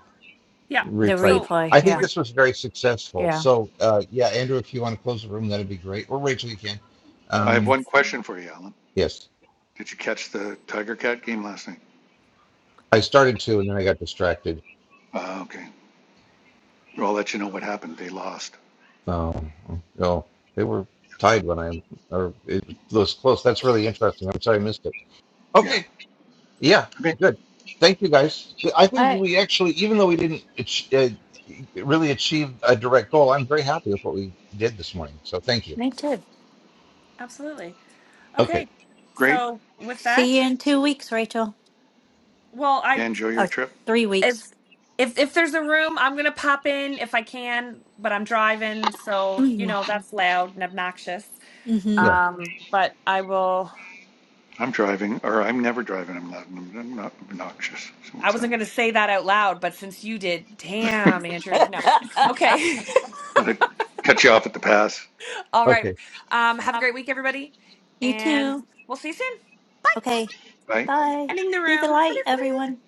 [SPEAKER 2] yeah.
[SPEAKER 3] The
[SPEAKER 1] replay.
[SPEAKER 2] So
[SPEAKER 3] replay,
[SPEAKER 1] I think
[SPEAKER 2] we're
[SPEAKER 3] yeah.
[SPEAKER 1] this was very successful.
[SPEAKER 3] Yeah.
[SPEAKER 1] So uh, yeah, Andrew, if you want to close the room, that'd be great. Or Rachel, you can.
[SPEAKER 2] oh,
[SPEAKER 4] I have
[SPEAKER 2] it's
[SPEAKER 1] Um,
[SPEAKER 4] one question for you, Alan.
[SPEAKER 1] yes,
[SPEAKER 4] Did you catch the Tiger Cat game last night?
[SPEAKER 1] I started to, and then I got distracted.
[SPEAKER 4] Uh, okay. Well, I'll let you know what happened. They lost.
[SPEAKER 1] No, no, they were tied when I or it was close. That's really interesting. I'm sorry I missed it.
[SPEAKER 4] Yeah.
[SPEAKER 1] Okay, yeah,
[SPEAKER 4] Okay.
[SPEAKER 1] good. Thank you guys. I
[SPEAKER 3] All
[SPEAKER 1] think
[SPEAKER 3] right,
[SPEAKER 1] we actually, even though we didn't ach- uh, really achieve a direct goal, I'm very happy with what we did this morning. So thank you.
[SPEAKER 3] me too.
[SPEAKER 2] absolutely
[SPEAKER 1] Okay,
[SPEAKER 2] okay.
[SPEAKER 4] Great.
[SPEAKER 2] So with
[SPEAKER 3] See you
[SPEAKER 2] that,
[SPEAKER 3] in two weeks, Rachel.
[SPEAKER 2] well,
[SPEAKER 4] Yeah,
[SPEAKER 2] I
[SPEAKER 4] enjoy your
[SPEAKER 3] Or
[SPEAKER 4] trip.
[SPEAKER 3] three weeks.
[SPEAKER 2] if if if there's a room, I'm gonna pop in if I can, but I'm driving, so you
[SPEAKER 3] hmm
[SPEAKER 2] know that's loud and obnoxious.
[SPEAKER 1] yeah,
[SPEAKER 2] Um, but I will.
[SPEAKER 4] I'm driving, or I'm never driving. I'm loud and I'm not obnoxious. So
[SPEAKER 2] I
[SPEAKER 4] what's that?
[SPEAKER 2] wasn't gonna say that out loud, but since you did, damn, Andrew. No, okay,
[SPEAKER 4] Did I cut you off at the pass,
[SPEAKER 2] all
[SPEAKER 1] okay.
[SPEAKER 2] right. Um, have a great week, everybody,
[SPEAKER 3] you
[SPEAKER 2] and
[SPEAKER 3] too.
[SPEAKER 2] we'll see you soon.
[SPEAKER 3] Okay.
[SPEAKER 4] right?
[SPEAKER 3] Bye.
[SPEAKER 2] Ending the
[SPEAKER 3] Be the
[SPEAKER 2] room.
[SPEAKER 3] light, everyone.